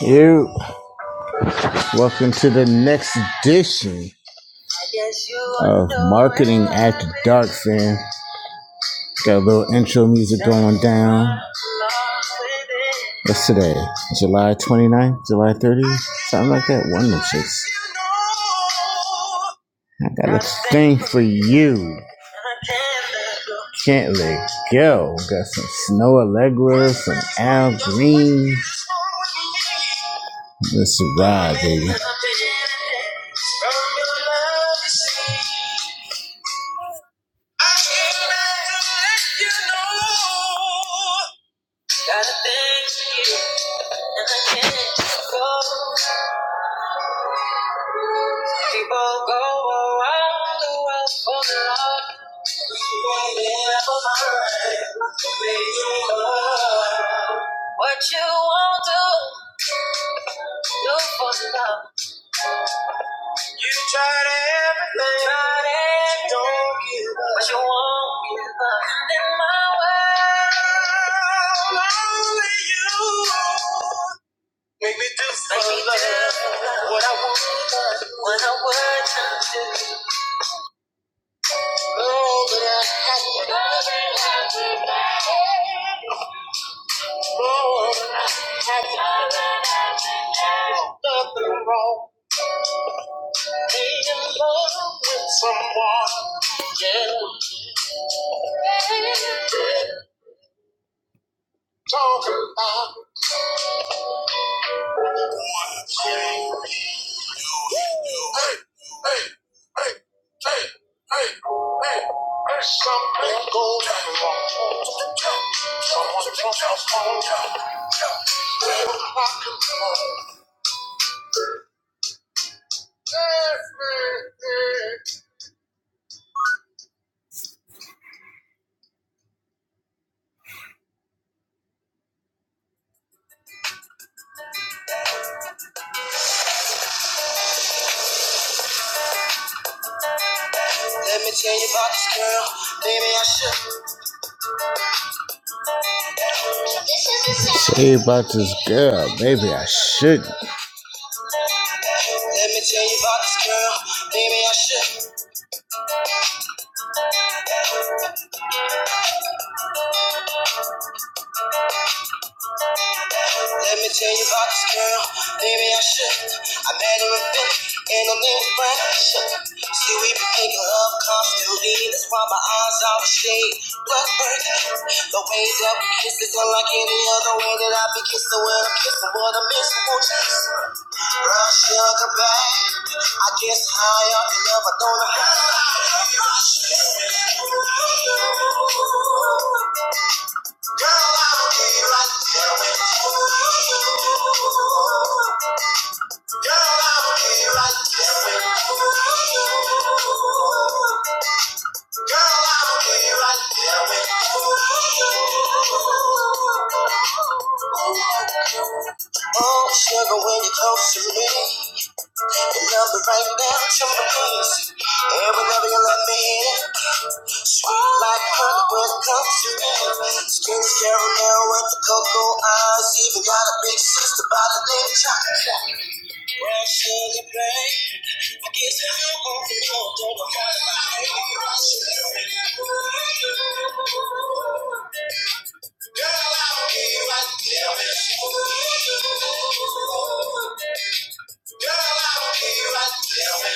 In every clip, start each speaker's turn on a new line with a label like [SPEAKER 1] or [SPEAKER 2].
[SPEAKER 1] You welcome to the next edition of Marketing After Dark, fam. Got a little intro music going down. What's today? July 29th? July 30th? Something like that. One of them shits. I got a thing for you. Can't let go. Got some Snow Allegra, some Al Green. Let's ride, baby. I came back to let you know. Gotta thank you, and I can't let you go. People go around the world for love. They never find where you are. What you won't do, do for love. Tried everything. Tried everything. Don't give up. But you won't give up. And in my world, only you make me do for Make me love do love what I want, what I want to do. Oh, but I have you. love that have you. Know that I have you. love that I have you. Nothing wrong being in love with someone. Yeah. Something going wrong. Someone dropped a phone. Let me tell you about this girl. Baby, I should. Tell you about this girl. Maybe I shouldn't. Let me tell you about this girl. Maybe I should. Let me tell you about this girl, baby, I should. I met her in Philly, and her name was Brasha. See, we been making love constantly, that's why my eyes out of shade. Blood burning, the way that we kiss is unlike any other way that I've been kissing. When I'm kissing, what I miss, won't you listen? Brown sugar back, I guess high up in love, I don't know how. Girl, I'm here right there with you. Girl, I'm here right there with you. Girl, I'm here right there with you. Oh, sugar, when you're close to me, you love me right now to my knees. And whenever you let me in, Sweet Like honey, when it Hollywood culture. Skin caramel with the cocoa eyes. Even got a big sister by the name of Chocolate. Well, sugar babe, I guess I won't be long. Don't know how forget my name. Girl, I'll be right there with you. right now. Girl, I'll be right there with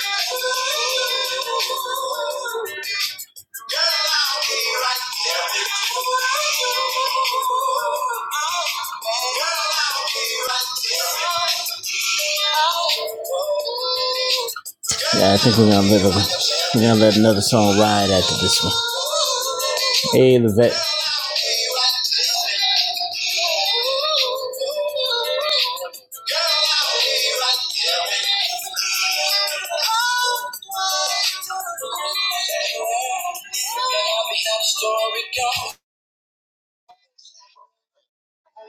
[SPEAKER 1] you. right now. Yeah, I think we're gonna let a, we're gonna let another song ride after this one. Hey, Levette.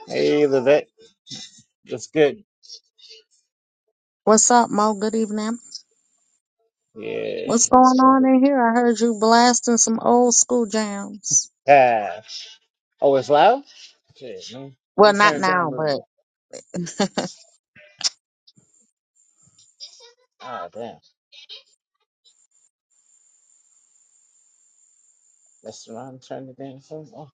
[SPEAKER 1] Hey, Levette.
[SPEAKER 2] What's up, Mo? Good evening. What's going on in here? I heard you blasting some old school jams.
[SPEAKER 1] Ah, Oh, it's loud. Can
[SPEAKER 2] Well,
[SPEAKER 1] you
[SPEAKER 2] not
[SPEAKER 1] turn?
[SPEAKER 2] now, but
[SPEAKER 1] Oh, damn. That's the wrong turn the damn phone. off. All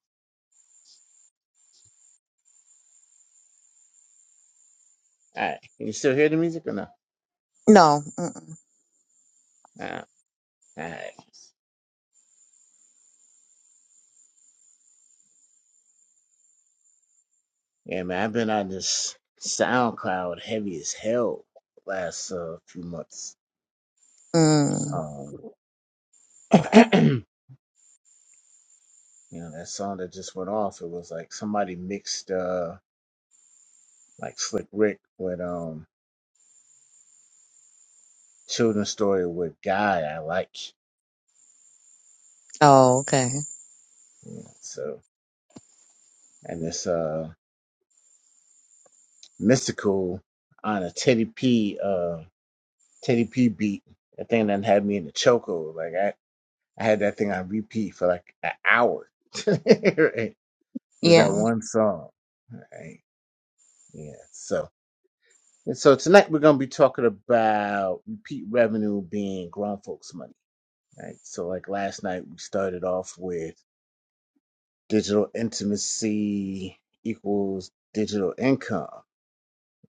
[SPEAKER 1] right. Can you still hear the music or no?
[SPEAKER 2] no.
[SPEAKER 1] All right. All right. Yeah, man, I've been on this SoundCloud heavy as hell last uh, few months.
[SPEAKER 2] Mm-mm.
[SPEAKER 1] Um, you know that song that just went off. It was like somebody mixed uh like Slick Rick with um Children's Story with Guy I like.
[SPEAKER 2] Oh, okay.
[SPEAKER 1] You know, so and this uh mystical on a Teddy P uh Teddy P beat. That thing done had me in the choco. Like I I had that thing on repeat for like an hour. There's that
[SPEAKER 2] Yeah.
[SPEAKER 1] one song. All right. Yeah. So and so tonight we're gonna be talking about repeat revenue being grown folks' money. Right. So like last night we started off with digital intimacy equals digital income.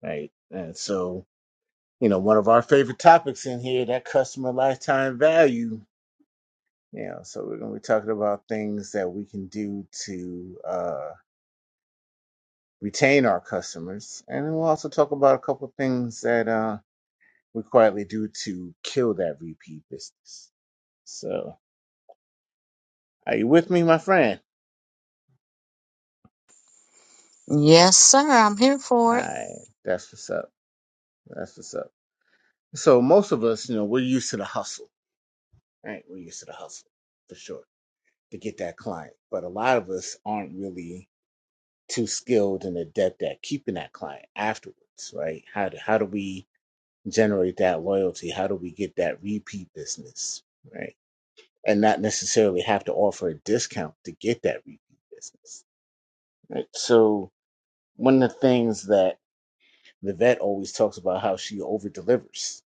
[SPEAKER 1] Right. And so, you know, one of our favorite topics in here, that customer lifetime value. You know, so we're gonna be talking about things that we can do to uh retain our customers. And then we'll also talk about a couple of things that uh we quietly do to kill that repeat business. So, are you with me, my friend?
[SPEAKER 2] Yes, sir. I'm here for it.
[SPEAKER 1] Alright, that's what's up. That's what's up. So, most of us, you know, we're used to the hustle, right? We're used to the hustle for sure to get that client. But a lot of us aren't really too skilled and adept at keeping that client afterwards, right? How do, how do we generate that loyalty? How do we get that repeat business, right? And not necessarily have to offer a discount to get that repeat business, right? So, one of the things that the vet always talks about how she over delivers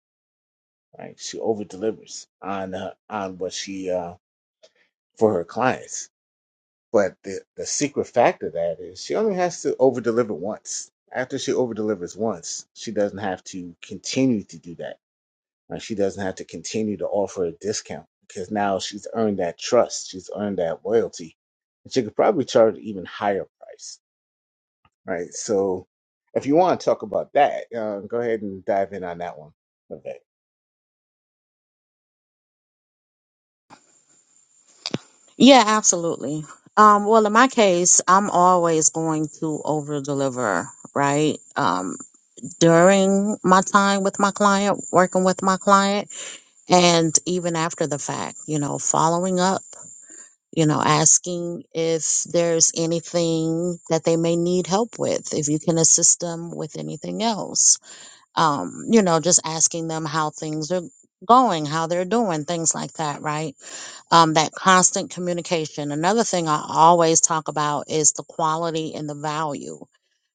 [SPEAKER 1] right she over delivers on uh, on what she uh for her clients but the the secret factor that is she only has to over deliver once after she over delivers once she doesn't have to continue to do that Right? she doesn't have to continue to offer a discount because now she's earned that trust she's earned that loyalty and she could probably charge an even higher price right? So if you want to talk about that, uh, go ahead and dive in on that one. Okay.
[SPEAKER 2] Yeah, absolutely. Um, well, in my case, I'm always going to over deliver, right? Um, during my time with my client, working with my client, and even after the fact, you know, following up you know, asking if there's anything that they may need help with, if you can assist them with anything else. Um, you know, just asking them how things are going, how they're doing, things like that, right? um, that constant communication. Another thing I always talk about is the quality and the value.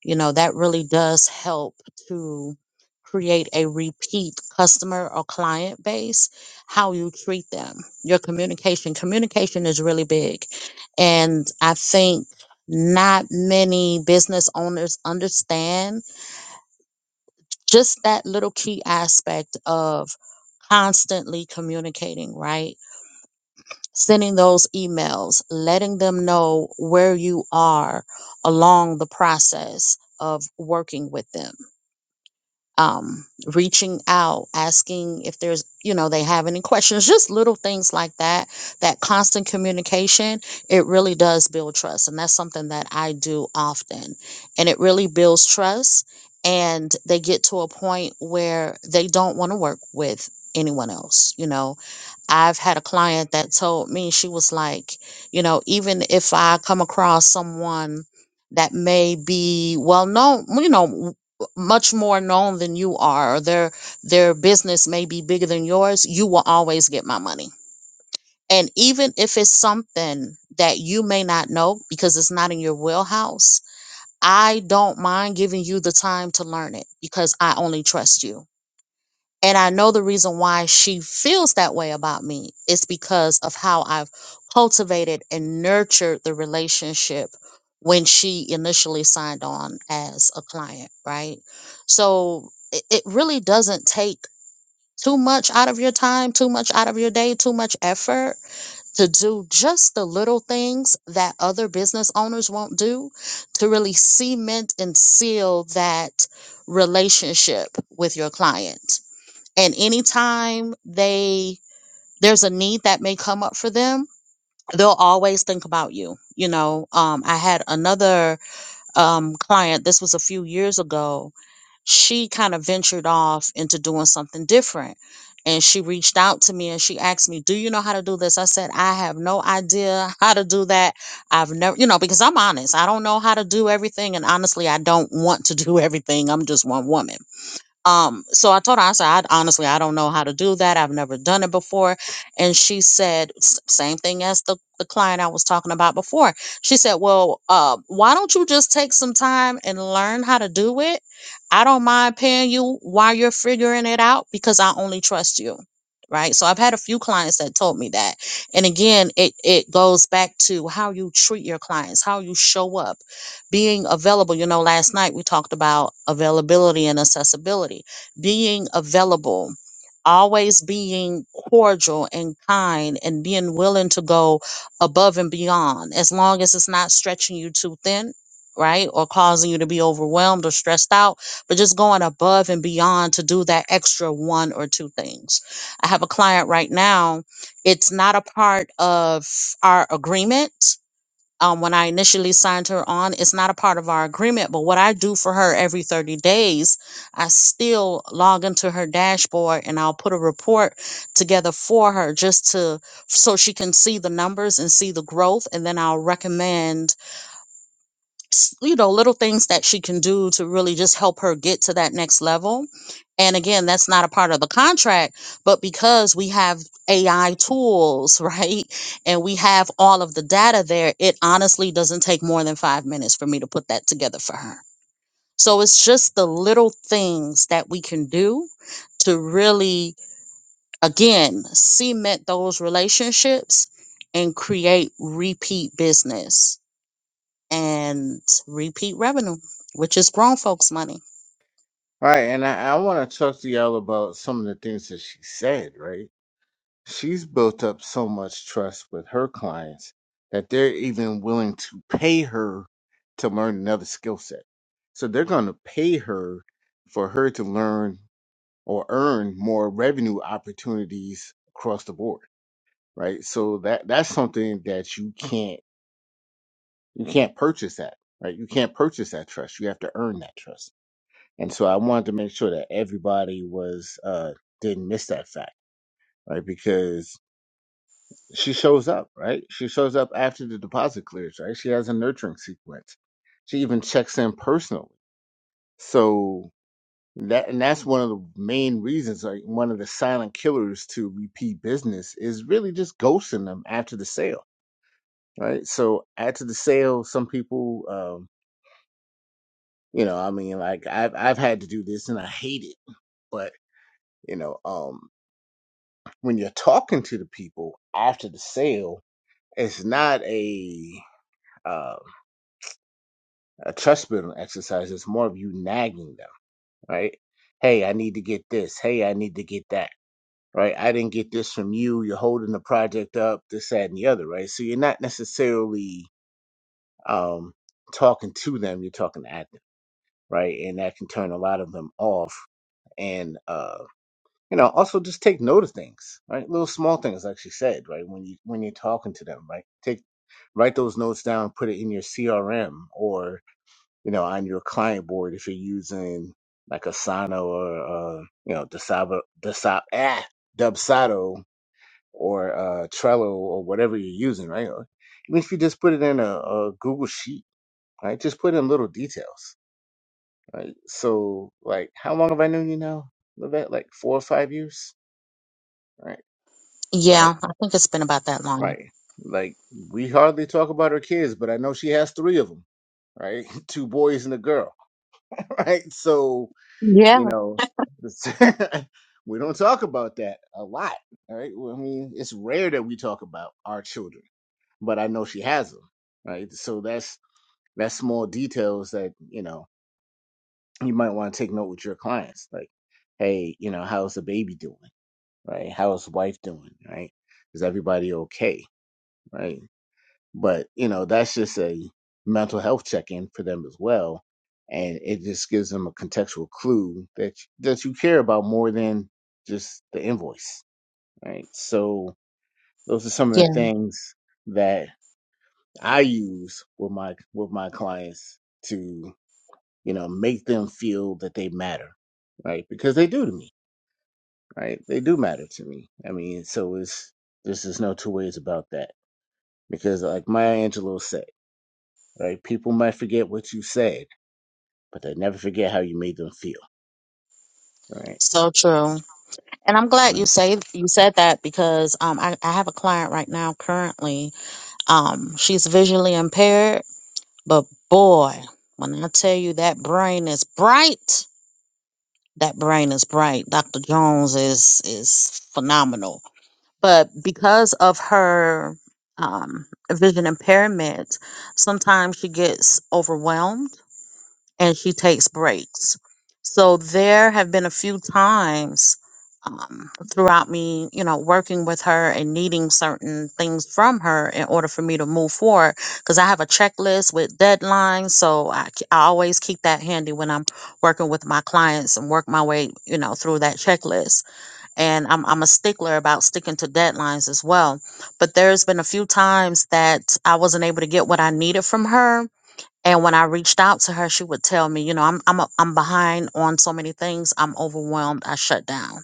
[SPEAKER 2] You know, that really does help to create a repeat customer or client base, how you treat them, your communication. Communication is really big. And I think not many business owners understand just that little key aspect of constantly communicating, right? sending those emails, letting them know where you are along the process of working with them, um, reaching out, asking if there's, you know, they have any questions, just little things like that. That constant communication, it really does build trust. And that's something that I do often. And it really builds trust. And they get to a point where they don't want to work with anyone else, you know I've had a client that told me, she was like, you know, even if I come across someone that may be well known, you know, w- much more known than you are, or their their business may be bigger than yours, you will always get my money. And even if it's something that you may not know because it's not in your wheelhouse, I don't mind giving you the time to learn it because I only trust you and I know the reason why she feels that way about me is because of how I've cultivated and nurtured the relationship when she initially signed on as a client, right? So it, it really doesn't take too much out of your time, too much out of your day, too much effort to do just the little things that other business owners won't do to really cement and seal that relationship with your client and anytime they there's a need that may come up for them they'll always think about you you know um, i had another um, client this was a few years ago she kind of ventured off into doing something different and she reached out to me and she asked me do you know how to do this i said i have no idea how to do that i've never you know because i'm honest i don't know how to do everything and honestly i don't want to do everything i'm just one woman um, so I told her, I said, I honestly, I don't know how to do that. I've never done it before. And she said, s- same thing as the, the client I was talking about before. She said, well, uh, why don't you just take some time and learn how to do it? I don't mind paying you while you're figuring it out because I only trust you. Right. So I've had a few clients that told me that. And again, it, it goes back to how you treat your clients, how you show up being available you know last night we talked about availability and accessibility being available always being cordial and kind and being willing to go above and beyond as long as it's not stretching you too thin right or causing you to be overwhelmed or stressed out but just going above and beyond to do that extra one or two things i have a client right now it's not a part of our agreement um, when I initially signed her on. It's not a part of our agreement, but what I do for her every 30 days, I still log into her dashboard and I'll put a report together for her just to so she can see the numbers and see the growth. And then I'll recommend s- you know little things that she can do to really just help her get to that next level and again that's not a part of the contract but because we have ai tools right and we have all of the data there it honestly doesn't take more than five minutes for me to put that together for her so it's just the little things that we can do to really again cement those relationships and create repeat business and repeat revenue, which is grown folks' money.
[SPEAKER 1] All right, and I, I want to talk to y'all about some of the things that she said, right? She's built up so much trust with her clients that they're even willing to pay her to learn another skill set. So they're going to pay her for her to learn or earn more revenue opportunities across the board, right? So that that's something that you can't You can't purchase that, right? You can't purchase that trust. You have to earn that trust. And so I wanted to make sure that everybody was uh didn't miss that fact, right? Because she shows up, right? She shows up after the deposit clears, right? She has a nurturing sequence. She even checks in personally. So that and that's one of the main reasons, like one of the silent killers to repeat business is really just ghosting them after the sale, right? So after the sale, some people um You know, I mean, like I've I've had to do this and I hate it. But you know, um, when you're talking to the people after the sale, it's not a uh, a trust building exercise. It's more of you nagging them, right? Hey, I need to get this. Hey, I need to get that. Right? I didn't get this from you. You're holding the project up. This, that, and the other. Right? So you're not necessarily um, talking to them. You're talking at them. Right? And that can turn a lot of them off and uh. you know also just take note of things right little small things like she said right when you when you're talking to them right take write those notes down put it in your crm or you know on your client board if you're using like asana or uh you know dasaba dasab ah dubsado or uh trello or whatever you're using right Or even if you just put it in a, a google sheet right just put in little details right so like how long have i known you now Levette? like four or five years right right
[SPEAKER 2] Yeah, I think it's been about that long.
[SPEAKER 1] Right. Like we hardly talk about her kids, but I know she has three of them, right? Two boys and a girl, right? So, you
[SPEAKER 2] Yeah,
[SPEAKER 1] know, this- we don't talk about that a lot, right? Well, I mean, it's rare that we talk about our children, but I know she has them, right? So that's that's small details that, you know, you might want to take note with your clients. Like, hey, you know, how's the baby doing? Right? How's wife doing? Right? Is everybody okay? Right? But, you know, that's just a mental health check in for them as well. And it just gives them a contextual clue that that you care about more than just the invoice. Right. So those are some of the
[SPEAKER 2] yeah,
[SPEAKER 1] things that I use with my with my clients to, you know, make them feel that they matter. Right. Because they do to me. Right. They do matter to me. I mean, so it's there's just no two ways about that. Because like Maya Angelou said right? People might forget what you said, but they never forget how you made them feel, right?
[SPEAKER 2] so true. And I'm glad you
[SPEAKER 1] Right.
[SPEAKER 2] say you said that because um, I, I have a client right now currently. Um, she's visually impaired, but boy, when I tell you that brain is bright, that brain is bright. Dr. Jones is is phenomenal but because of her um, vision impairment, sometimes she gets overwhelmed and she takes breaks. So there have been a few times um, throughout me, you know, working with her and needing certain things from her in order for me to move forward, because I have a checklist with deadlines. So I, k- I always keep that handy when I'm working with my clients and work my way, you know, through that checklist and I'm I'm a stickler about sticking to deadlines as well. But there's been a few times that I wasn't able to get what I needed from her. And when I reached out to her, she would tell me, you know, I'm I'm a, I'm behind on so many things. I'm overwhelmed. I shut down.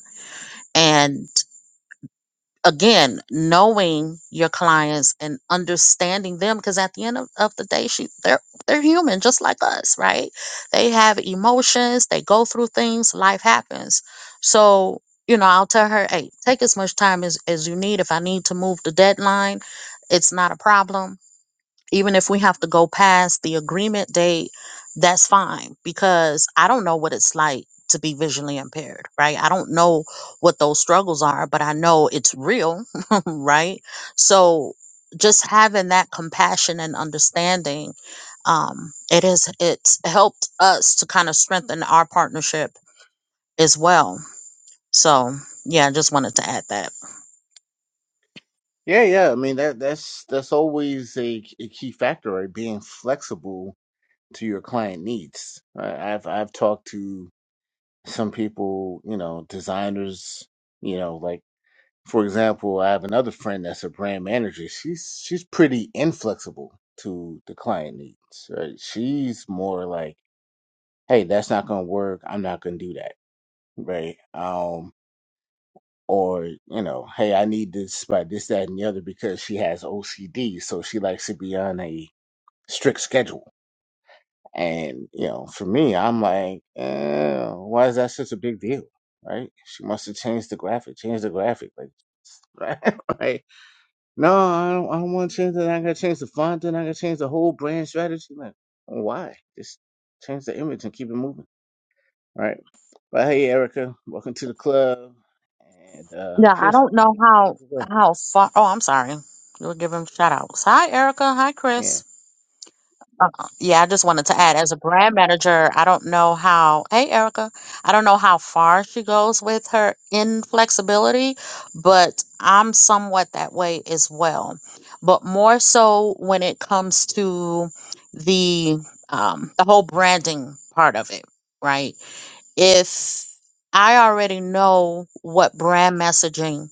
[SPEAKER 2] And again knowing your clients and understanding them because at the end of, of the day she they're they're human just like us right they have emotions they go through things life happens so you know i'll tell her hey take as much time as, as you need if i need to move the deadline it's not a problem even if we have to go past the agreement date, that's fine because I don't know what it's like to be visually impaired, right? I don't know what those struggles are, but I know it's real, right? So just having that compassion and understanding, um, it is it's helped us to kind of strengthen our partnership as well. So yeah, I just wanted to add that.
[SPEAKER 1] Yeah, yeah. I mean that that's that's always a, a key factor, right? Being flexible to your client needs. Right? I've I've talked to some people, you know, designers, you know, like for example, I have another friend that's a brand manager. She's she's pretty inflexible to the client needs, right? She's more like, hey, that's not gonna work. I'm not gonna do that, right? Um, or you know, hey, I need this by this, that, and the other because she has OCD, so she likes to be on a strict schedule. And you know, for me, I'm like, eh, why is that such a big deal, right? She wants to change the graphic, change the graphic, like, right? Like, no, I don't, I don't want to change that. I got to change the font, and I got to change the whole brand strategy. Like, why? Just change the image and keep it moving, right? But hey, Erica, welcome to the club, and uh
[SPEAKER 2] Yeah, I
[SPEAKER 1] Chris,
[SPEAKER 2] don't
[SPEAKER 1] welcome
[SPEAKER 2] know
[SPEAKER 1] to the stage
[SPEAKER 2] how
[SPEAKER 1] as well.
[SPEAKER 2] how far. Oh, I'm sorry. We'll give him shout outs. Hi, Erica. Hi,
[SPEAKER 1] Yeah.
[SPEAKER 2] Chris. Uh, yeah, I just wanted to add as a brand manager, I don't know how. Hey, Erica. I don't know how far she goes with her inflexibility, but I'm somewhat that way as well. But more so when it comes to the um, the whole branding part of it, right? If I already know what brand messaging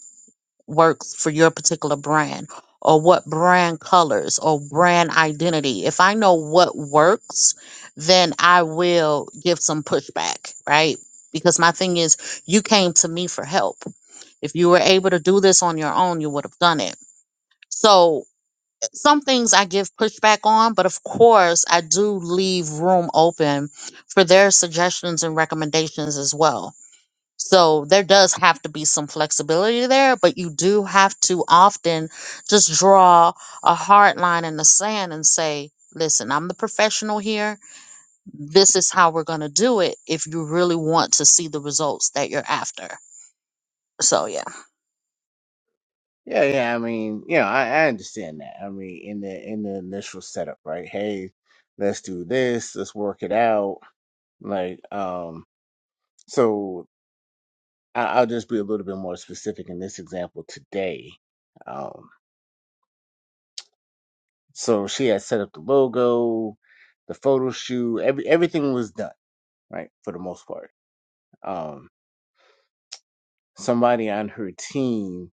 [SPEAKER 2] works for your particular brand or what brand colors or brand identity. If I know what works, then I will give some pushback, right? Because my thing is, you came to me for help. If you were able to do this on your own, you would have done it. So, some things I give pushback on, but of course, I do leave room open for their suggestions and recommendations as well so there does have to be some flexibility there, but you do have to often just draw a hard line in the sand and say, listen, I'm the professional here. This is how we're going to do it if you really want to see the results that you're after. So, yeah.
[SPEAKER 1] Yeah, yeah. I mean, you know, I, I understand that. I mean, in the in the initial setup, right? Hey, let's do this. Let's work it out. Like, um, so I, I'll just be a little bit more specific in this example today. Um, so she had set up the logo, the photo shoot. Every everything was done, right, for the most part. Um, somebody on her team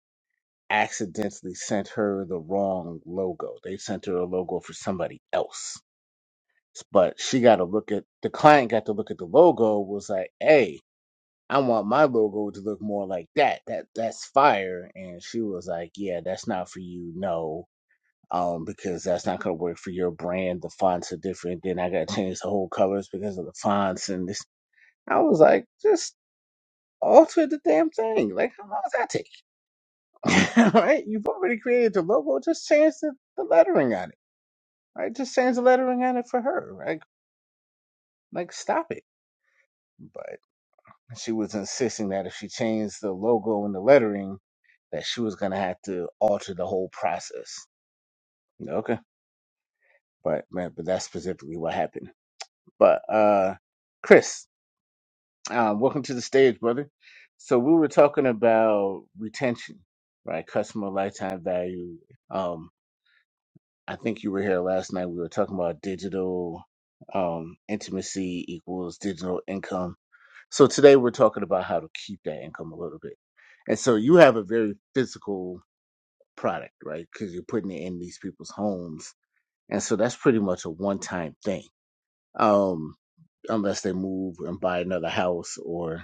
[SPEAKER 1] accidentally sent her the wrong logo. They sent her a logo for somebody else but she got to look at the client got to look at the logo was like hey i want my logo to look more like that that that's fire and she was like yeah that's not for you no um because that's not gonna work for your brand the fonts are different then i gotta change the whole colors because of the fonts and this i was like just alter the damn thing like how long does that take right you've already created the logo just change the, the lettering on it right just change the lettering on it for her right like stop it And she was insisting that if she changed the logo and the lettering, that she was gonna have to alter the whole process. Okay. But man, but that's specifically what happened. But uh Chris, uh, welcome to the stage, brother. So we were talking about retention, right? Customer lifetime value. Um, I think you were here last night. We were talking about digital um intimacy equals digital income So today we're talking about how to keep that income a little bit. And so you have a very physical product, right? Because you're putting it in these people's homes. And so that's pretty much a one time thing. Um, unless they move and buy another house or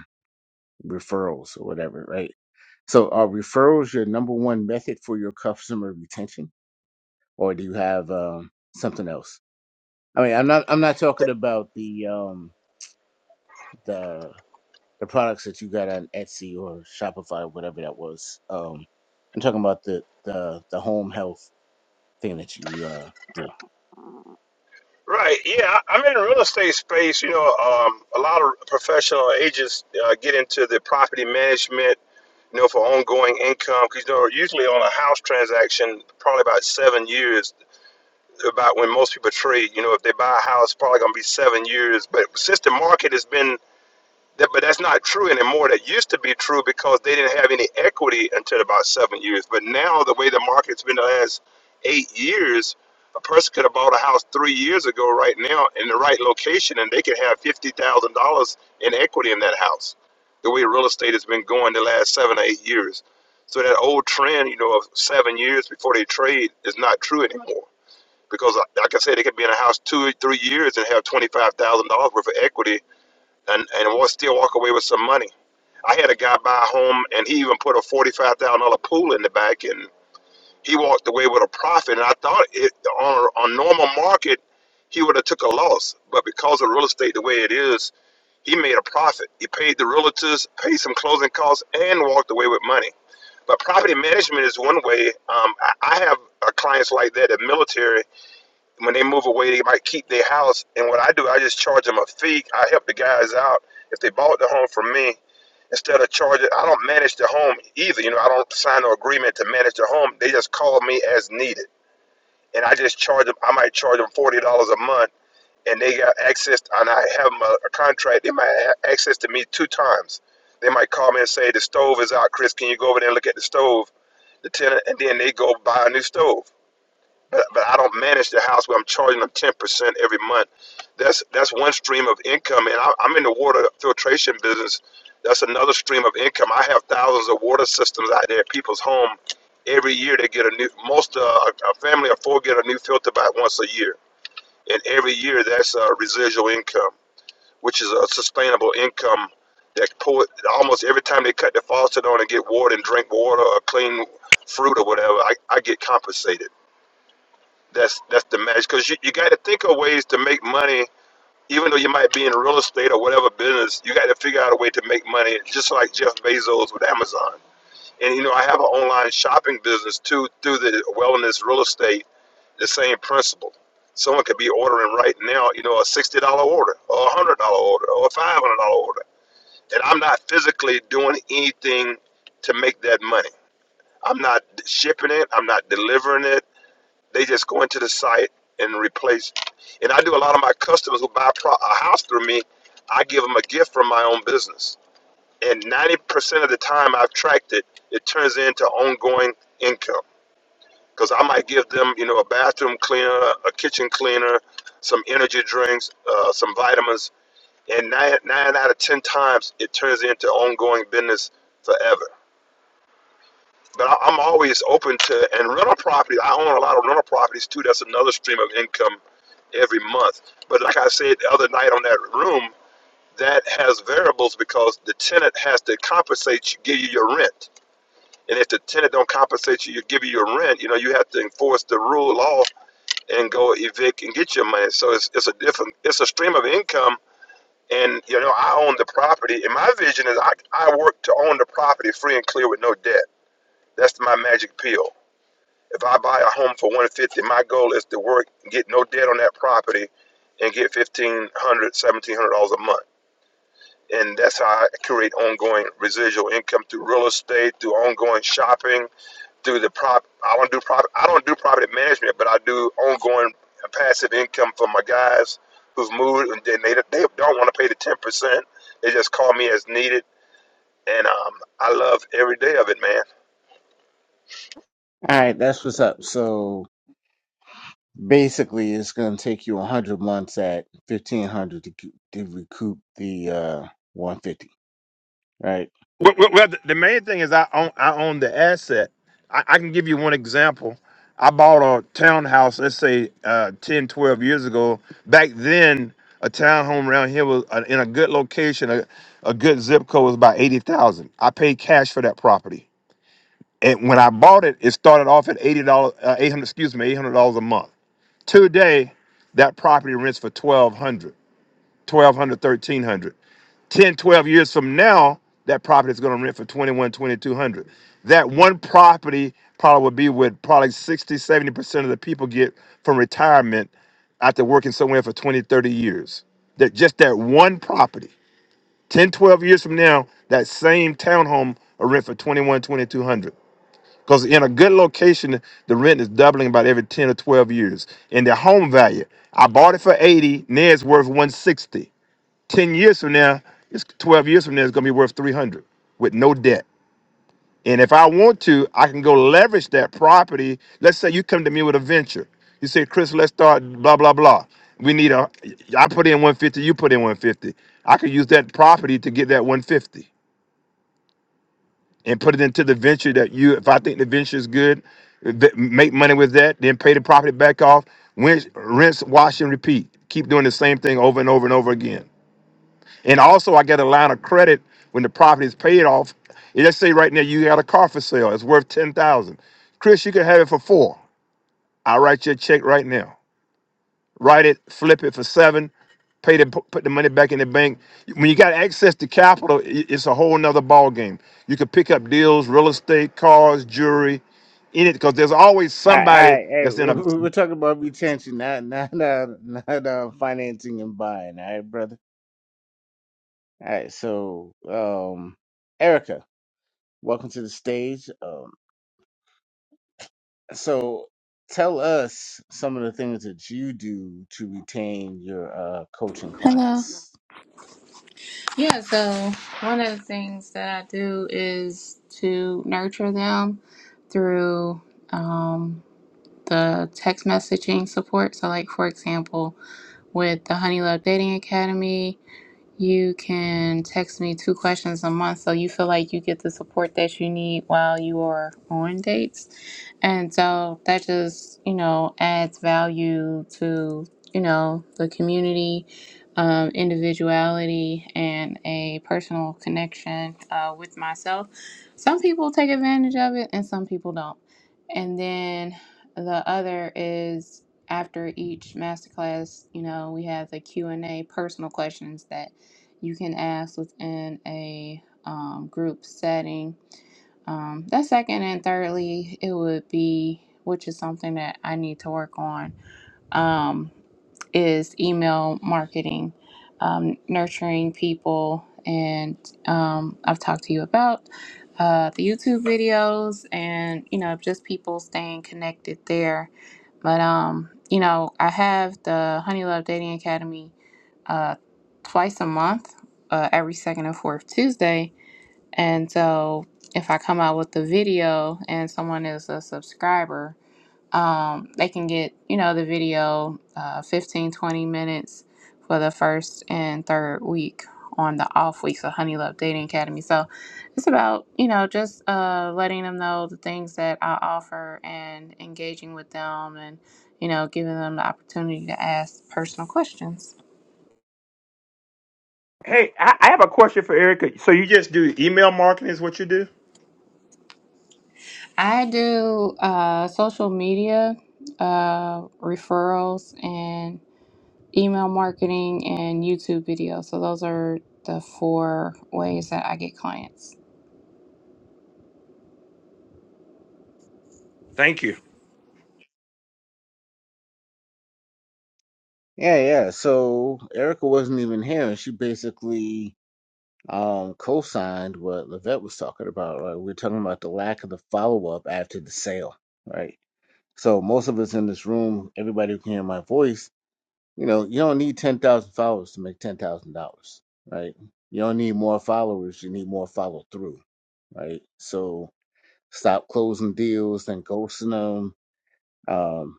[SPEAKER 1] referrals or whatever, right? So are referrals your number one method for your customer retention? Or do you have um something else? I mean I'm not I'm not talking about the um the the products that you got on Etsy or Shopify, whatever that was. Um, I'm talking about the the the home health thing that you uh do.
[SPEAKER 3] Right. Yeah, I- I'm in the real estate space. You know, um, a lot of professional agents uh, get into the property management. You know, for ongoing income, because you know, usually on a house transaction, probably about seven years, about when most people trade. You know, if they buy a house, probably gonna be seven years. But since the market has been that, but that's not true anymore. That used to be true because they didn't have any equity until about seven years. But now, the way the market's been the last eight years, a person could have bought a house three years ago, right now, in the right location, and they could have fifty thousand dollars in equity in that house. The way real estate has been going the last seven or eight years, so that old trend, you know, of seven years before they trade, is not true anymore. Because, uh, like I said, they could be in a house two, or three years and have twenty-five thousand dollars worth of equity and and we'll still walk away with some money. I had a guy buy a home, and he even put a forty-five thousand dollar pool in the back, and he walked away with a profit. And I thought it on on normal market, he would have took a loss, but because of real estate the way it is, he made a profit. He paid the realtors, paid some closing costs, and walked away with money. But property management is one way. Um, I, I have uh clients like that at military when they move away, they might keep their house. And what I do, I just charge them a fee. I help the guys out. If they bought the home from me, instead of charging, I don't manage the home either. You know, I don't sign no agreement to manage the home. They just call me as needed. And I just charge them, I might charge them $40 a month. And they got access, and I have them a, a contract. They might have access to me two times. They might call me and say, The stove is out, Chris. Can you go over there and look at the stove? The tenant, and then they go buy a new stove but, but I don't manage the house where I'm charging them 10% every month. That's that's one stream of income, and I, I'm in the water filtration business. That's another stream of income. I have thousands of water systems out there at people's home. Every year they get a new. Most uh, a a family of four get a new filter about once a year, and every year that's uh, residual income, which is a sustainable income. That pour almost every time they cut the faucet on and get water and drink water or clean fruit or whatever, I, I get compensated that's that's the magic because you, you got to think of ways to make money, even though you might be in real estate or whatever business. You got to figure out a way to make money, just like Jeff Bezos with Amazon. And you know, I have an online shopping business too through the wellness real estate. The same principle. Someone could be ordering right now, you know, a sixty dollar order, or a hundred dollar order, or a five hundred dollar order, and I'm not physically doing anything to make that money. I'm not shipping it. I'm not delivering it. They just go into the site and replace. And I do a lot of my customers who buy a, pro- a house through me. I give them a gift from my own business, and ninety percent of the time I've tracked it, it turns into ongoing income because I might give them, you know, a bathroom cleaner, a kitchen cleaner, some energy drinks, uh, some vitamins, and nine nine out of ten times it turns into ongoing business forever. But I, I'm always open to and rental properties. I own a lot of rental properties too. That's another stream of income every month. But like I said the other night on that room, that has variables because the tenant has to compensate you, give you your rent. And if the tenant don't compensate you, you give you your rent. You know, you have to enforce the rule law and go evict and get your money. So it's, it's a different, it's a stream of income. And you know, I own the property, and my vision is I, I work to own the property free and clear with no debt. That's my magic pill if I buy a home for 150, my goal is to work, get no debt on that property, and get 1500 1700 dollars seventeen hundred dollars a month. And that's how I create ongoing residual income through real estate, through ongoing shopping, through the prop. I don't do prop. I don't do property management, but I do ongoing passive income for my guys who've moved and they, they don't want to pay the ten percent. They just call me as needed, and um, I love every day of it, man.
[SPEAKER 1] All right, that's what's up. So basically, it's gonna take you 100 months at 1500 to c- to recoup the uh 150. Right.
[SPEAKER 3] Well, well, well, the the main thing is I own I own the asset. I, I can give you one example. I bought a townhouse, let's say uh, 10, twelve years ago. Back then, a townhome around here was uh, in a good location, a, a good zip code was about 80,000. I paid cash for that property. And when I bought it, it started off at $80, uh, 800, excuse me, $800 a month. Today, that property rents for 1200, 1200, 1300. 10, 12 years from now, that property is going to rent for 21, 2200. That one property probably would be what probably sixty, seventy percent of the people get from retirement after working somewhere for 20, 30 years. That just that one property. 10, 12 years from now, that same townhome will rent for 21, 2200. Because in a good location, the rent is doubling about every 10 or 12 years. And the home value, I bought it for 80, now it's worth 160. 10 years from now, it's 12 years from now, it's going to be worth 300 with no debt. And if I want to, I can go leverage that property. Let's say you come to me with a venture. You say, Chris, let's start blah, blah, blah. We need a, I put in 150, you put in 150. I could use that property to get that 150 and put it into the venture that you, if I think the venture is good, v- make money with that, then pay the property back off, rinse, rinse, wash, and repeat. Keep doing the same thing over and over and over again. And also, I get a line of credit when the property is paid off. And Let's say right now you got a car for sale. It's worth ten thousand. Chris, you can have it for four. I will write you a check right now. Write it, flip it for seven. Pay the put the money back in the bank. When you got access to capital, i- it's a whole nother ball game. You can pick up deals, real estate, cars, jewelry, in it because there's always
[SPEAKER 1] All right, all
[SPEAKER 3] somebody
[SPEAKER 1] right, hey,
[SPEAKER 3] that's in a.
[SPEAKER 1] we're we're talking about retention, not not not not uh, financing and buying. All right, brother. All right, so um, Erica. Welcome to the stage. Um, so, tell us some of the things that you do to retain your uh, coaching
[SPEAKER 4] Hello.
[SPEAKER 1] clients.
[SPEAKER 4] Yeah, so one of the things that I do is to nurture them through um, the text messaging support. So, like, for example, with the Honey Love Dating Academy, you can text me two questions a month so you feel like you get the support that you need while you are on dates. And so that just, you know, adds value to, you know, the community, um, individuality, and a personal connection uh, with myself. Some people take advantage of it and some people don't. And then the other is after each masterclass, you know, we have the Q&A personal questions that you can ask within a um, group setting. Um, that second and thirdly, it would be, which is something that I need to work on, um, is email marketing, um, nurturing people. And um, I've talked to you about uh, the YouTube videos and, you know, just people staying connected there. But, um, you know, I have the Honey Love Dating Academy uh, twice a month, uh, every second and fourth Tuesday. And so if I come out with the video and someone is a subscriber, um, they can get, you know, the video uh, 15, twenty minutes for the first and third week on the off weeks of Honey Love Dating Academy. So it's about, you know, just uh, letting them know the things that I offer and engaging with them and, you know, giving them the opportunity to ask personal questions.
[SPEAKER 3] Hey, I, I have a question for Erica. So you just do email marketing? Is what you do?
[SPEAKER 4] I do uh, social media uh, referrals and email marketing and YouTube videos. So those are the four ways that I get clients.
[SPEAKER 1] Yeah, yeah. So, Erica wasn't even here, and she basically um, co signed what Levette was talking about. Right? We're talking about the lack of the follow up after the sale, right? So, most of us in this room, everybody who can hear my voice, you know, you don't need 10,000 followers to make $10,000, right? You don't need more followers, you need more follow through right? So stop closing deals and ghosting them. Um,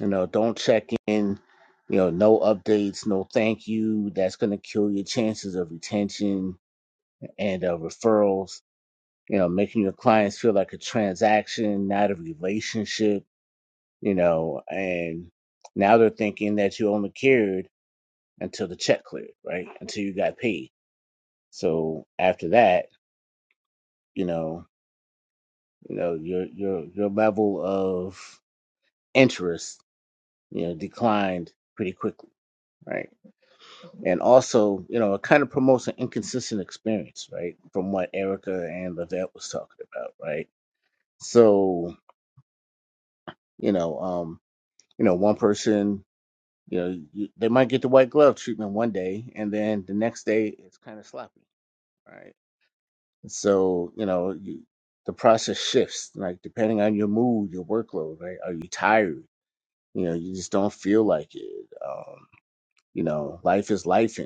[SPEAKER 1] you know, don't check in. You know, no updates, no thank you. That's going to kill your chances of retention and uh, referrals. You know, making your clients feel like a transaction, not a relationship. You know, and now they're thinking that you only cared until the check cleared, right? Until you got paid. So after that, you know, you know your your your level of interest you know, declined pretty quickly, right? And also, you know, it kind of promotes an inconsistent experience, right? From what Erica and Levette was talking about, right? So, you know, um, you know, one person, you know, you, they might get the white glove treatment one day, and then the next day it's kind of sloppy, right? So, you know, you, the process shifts, like depending on your mood, your workload, right? Are you tired? You know, you just don't feel like it. Um, you know, life is life,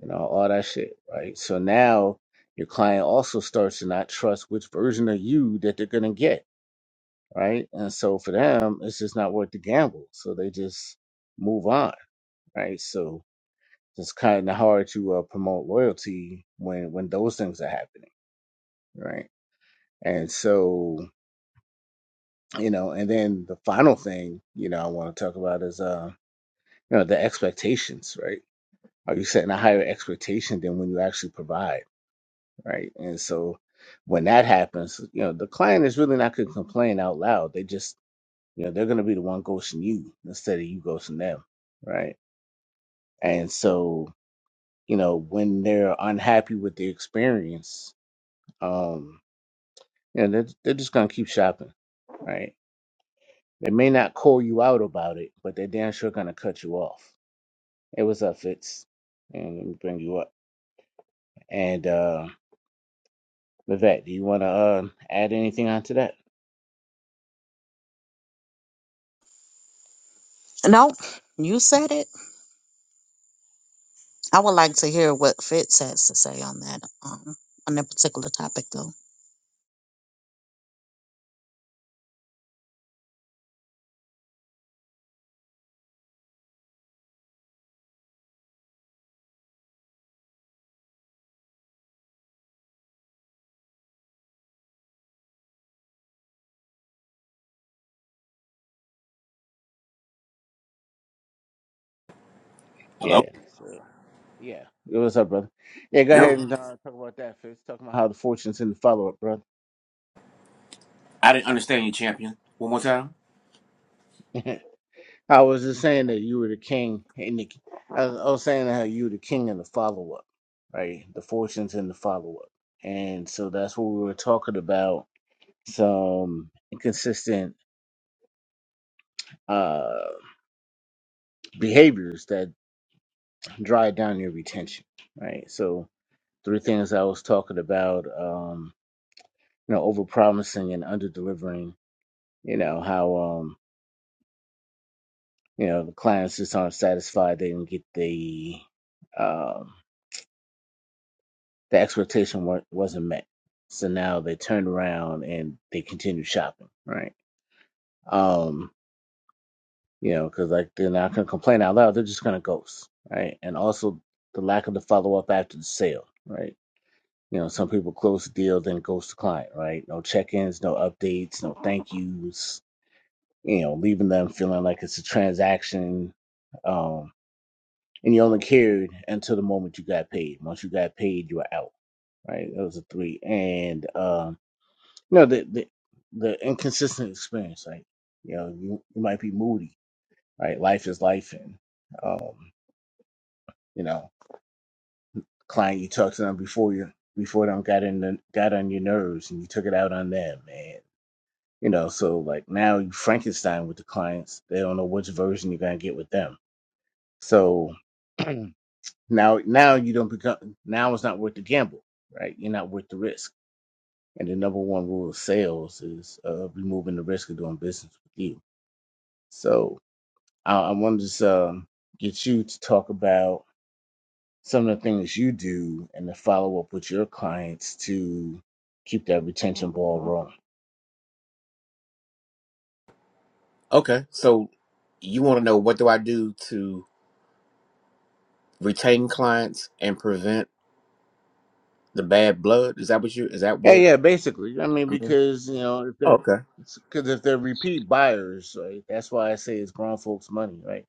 [SPEAKER 1] you know, all that shit, right? So now your client also starts to not trust which version of you that they're gonna get, right? And so for them, it's just not worth the gamble. So they just move on, right? So it's kind of hard to uh, promote loyalty when when those things are happening, right? And so you know, and then the final thing you know I want to talk about is uh you know the expectations, right? Are you setting a higher expectation than when you actually provide? right? And so when that happens, you know, the client is really not going to complain out loud. They just, you know, they're going to be the one ghosting you instead of you ghosting them, right? And so, you know, when they're unhappy with the experience, um, you know, they're, they're just going to keep shopping, right? They may not call you out about it, but they're damn sure going to cut you off. Hey, what's up, Fitz? And let me bring you up. And uh, Vivek, do you want to uh, add anything onto that?
[SPEAKER 2] No, you said it. I would like to hear what Fitz has to say on that, um, on that particular topic, though.
[SPEAKER 5] Hello?
[SPEAKER 1] Yeah. so Yeah. Yeah, What's up, brother? Yeah, go
[SPEAKER 5] No.
[SPEAKER 1] ahead and uh, talk about that first. Talk about how the fortunes in the follow up, brother.
[SPEAKER 5] I didn't understand you, champion. One more time?
[SPEAKER 1] I was just saying that you were the king in the. I was I was saying how you were the king in the follow up, right? The fortunes in the follow up, and so that's what we were talking about. Some inconsistent uh behaviors that drive down your retention, right? So three things I was talking about: um, you know, over promising and under delivering. You know how. Um, You know, the clients just aren't satisfied. They didn't get the um, the expectation wa- wasn't met. So now they turn around and they continue shopping, right? Um, you know, because like they're not gonna complain out loud. They're just gonna ghost, right? And also the lack of the follow up after the sale, right? You know, some people close the deal, then ghost the client, right? No check ins, no updates, no thank yous. You know, leaving them feeling like it's a transaction. Um, and you only cared until the moment you got paid. Once you got paid, you were out. Right? That was a three. And um, you know the the, the inconsistent experience. Like you know, you, you might be moody. Right? Life is life, and um, you know, client you talked to them before you before them got in the, got on your nerves, and you took it out on them, and you know, so like now you Frankenstein with the clients. They don't know which version you're gonna get with them. So Now, now you don't become. Now it's not worth the gamble, right? You're not worth the risk. And the number one rule of sales is uh, removing the risk of doing business with you. So I, I wanted to just, um, get you to talk about some of the things you do and to follow up with your clients to keep that retention ball rolling.
[SPEAKER 5] Okay, so you want to know what do I do to retain clients and prevent the bad blood? Is that what you? Is that
[SPEAKER 1] Yeah,
[SPEAKER 5] what?
[SPEAKER 1] yeah, basically. I mean,
[SPEAKER 5] Mhm.
[SPEAKER 1] because you know, if they're
[SPEAKER 5] Okay,
[SPEAKER 1] because if they're repeat buyers, right, that's why I say it's grown folks' money, right?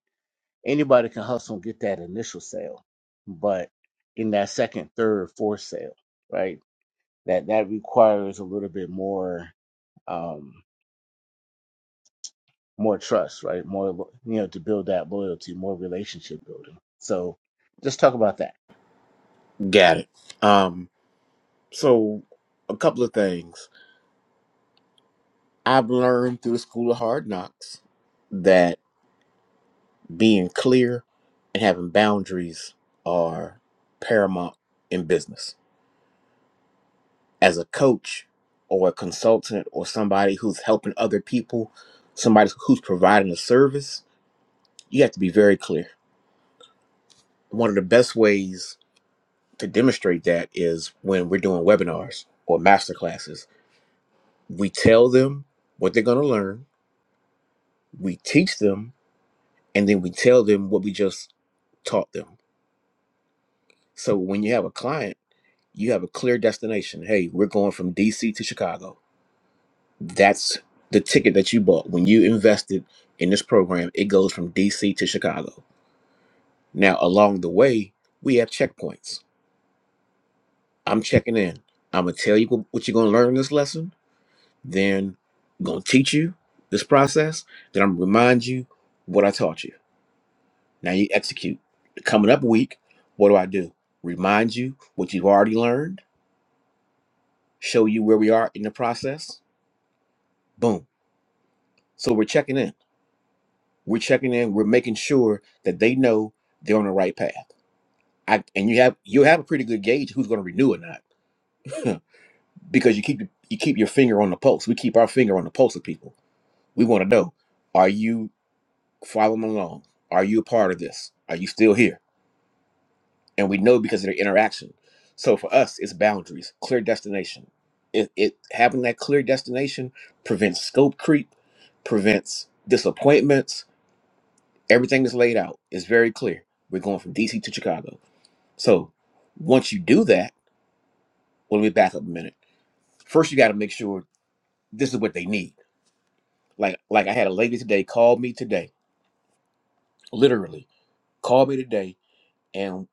[SPEAKER 1] Anybody can hustle and get that initial sale, but in that second, third, fourth sale, right? That that requires a little bit more um more trust, right? More lo- you know, to build that loyalty, more relationship building. So just talk about that.
[SPEAKER 5] got it. Um, so a couple of things I've learned through the School of Hard Knocks that being clear and having boundaries are paramount in business as a coach or a consultant or somebody who's helping other people, somebody who's providing a service, you have to be very clear. One of the best ways to demonstrate that is when we're doing webinars or master classes. We tell them what they're going to learn, we teach them, and then we tell them what we just taught them. So when you have a client, you have a clear destination. Hey, we're going from DC to Chicago That's the ticket that you bought. When you invested in this program, it goes from DC to Chicago. Now, along the way, we have checkpoints. I'm checking in. I'm going to tell you wh- what you're going to learn in this lesson, then going to teach you this process, then I'm going to remind you what I taught you. Now you execute. Coming up week, what do I do? Remind you what you've already learned, show you where we are in the process. Boom. So we're checking in. We're checking in. We're making sure that they know they're on the right path. I, and you have you have a pretty good gauge who's going to renew or not, because you keep you keep your finger on the pulse. We keep our finger on the pulse of people. We want to know: Are you following along? Are you a part of this? Are you still here? And we know because of their interaction. So for us, it's boundaries, clear destination. It, it having that clear destination prevents scope creep, prevents disappointments, Everything is laid out. It's very clear. We're going from DC to Chicago. So once you do that, well, let me back up a minute. First, you got to make sure this is what they need. Like, like I had a lady today call me today, literally called me today and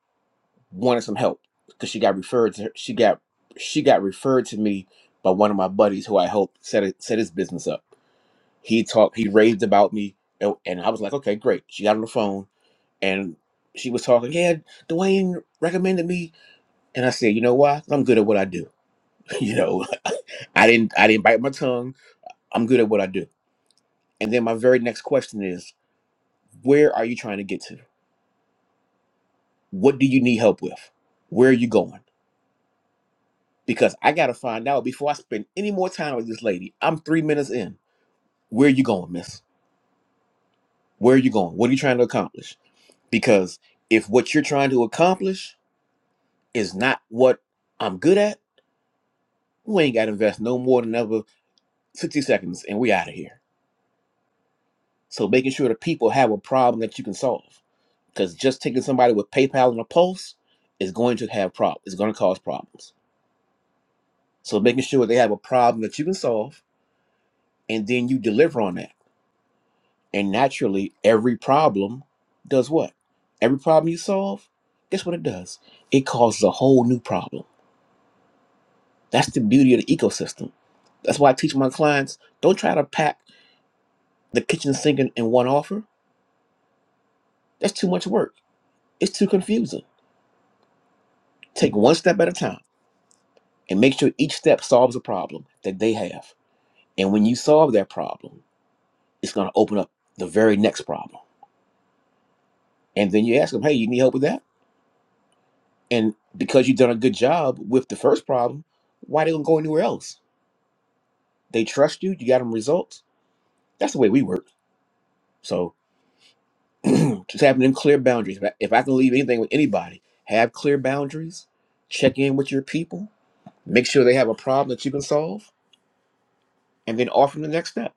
[SPEAKER 5] wanted some help because she got referred to. her, She got she got referred to me by one of my buddies who I helped set it, set his business up. He talked. He raved about me, and and I was like, okay, great. She got on the phone and she was talking. Yeah, Dwayne recommended me And I said, you know why? 'Cause I'm good at what I do. you know, I didn't I didn't bite my tongue. I'm good at what I do. And then my very next question is, where are you trying to get to? What do you need help with? Where are you going? Because I gotta find out before I spend any more time with this lady. I'm three minutes in. Where are you going, miss? Where are you going? What are you trying to accomplish? Because if what you're trying to accomplish is not what I'm good at, we ain't gotta invest no more than another 60 seconds and we out of here So making sure the people have a problem that you can solve. Because just taking somebody with PayPal and a pulse is going to have problems. It's going to cause problems. So making sure they have a problem that you can solve, and then you deliver on that. And naturally, every problem does what? Every problem you solve, guess what it does? It causes a whole new problem. That's the beauty of the ecosystem. That's why I teach my clients don't try to pack the kitchen sink in, in one offer. That's too much work. It's too confusing. Take one step at a time and make sure each step solves a problem that they have. And when you solve that problem, it's going to open up the very next problem. And then you ask them, hey, you need help with that? And because you've done a good job with the first problem, why they don't go anywhere else? They trust you, you got them results. That's the way we work. So just having them clear boundaries. If I if I can leave anything with anybody, have clear boundaries, check in with your people, make sure they have a problem that you can solve, and then offer them the next step.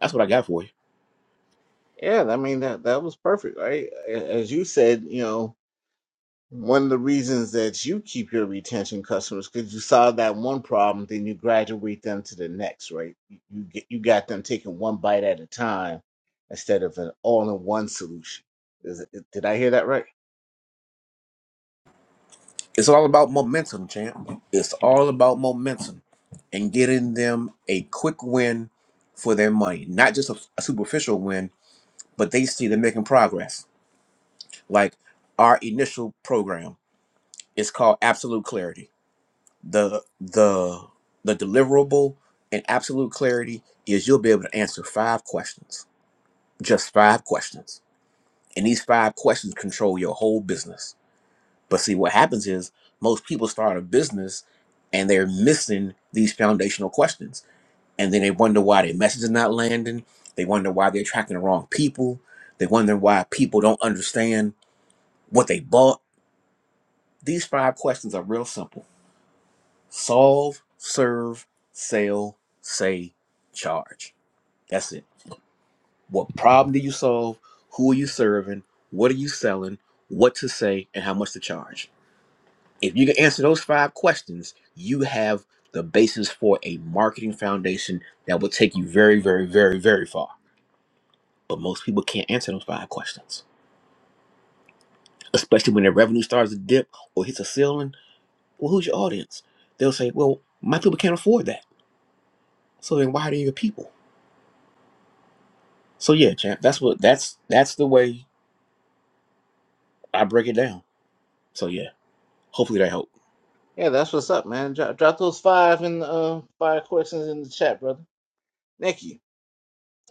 [SPEAKER 5] That's what I got for you.
[SPEAKER 1] Yeah, I mean that that was perfect, right? A- As you said, you know, one of the reasons that you keep your retention customers because you solve that one problem, then you graduate them to the next, right? You you get you got them taking one bite at a time instead of an all-in-one solution. Is it, did I hear that right?
[SPEAKER 5] It's all about momentum, champ. It's all about momentum and getting them a quick win for their money, not just a, a superficial win, but they see they're making progress. Like our initial program is called Absolute Clarity. The the the deliverable in Absolute Clarity is you'll be able to answer five questions, just five questions, and these five questions control your whole business But see, what happens is most people start a business and they're missing these foundational questions. And then they wonder why their message is not landing. They wonder why they're attracting the wrong people. They wonder why people don't understand what they bought. These five questions are real simple solve, serve, sell, say, charge. That's it. What problem do you solve? Who are you serving? What are you selling? What to say? And how much to charge? If you can answer those five questions, you have the basis for a marketing foundation that will take you very, very, very, very far. But most people can't answer those five questions, especially when their revenue starts to dip or hits a ceiling. Well, who's your audience? They'll say, "Well, my people can't afford that." So then, why are they your people? So yeah, champ, that's what that's that's the way I break it down. So yeah, hopefully that helped.
[SPEAKER 1] Yeah, that's what's up, man. Drop, drop those five and uh, five questions in the chat, brother. Thank you.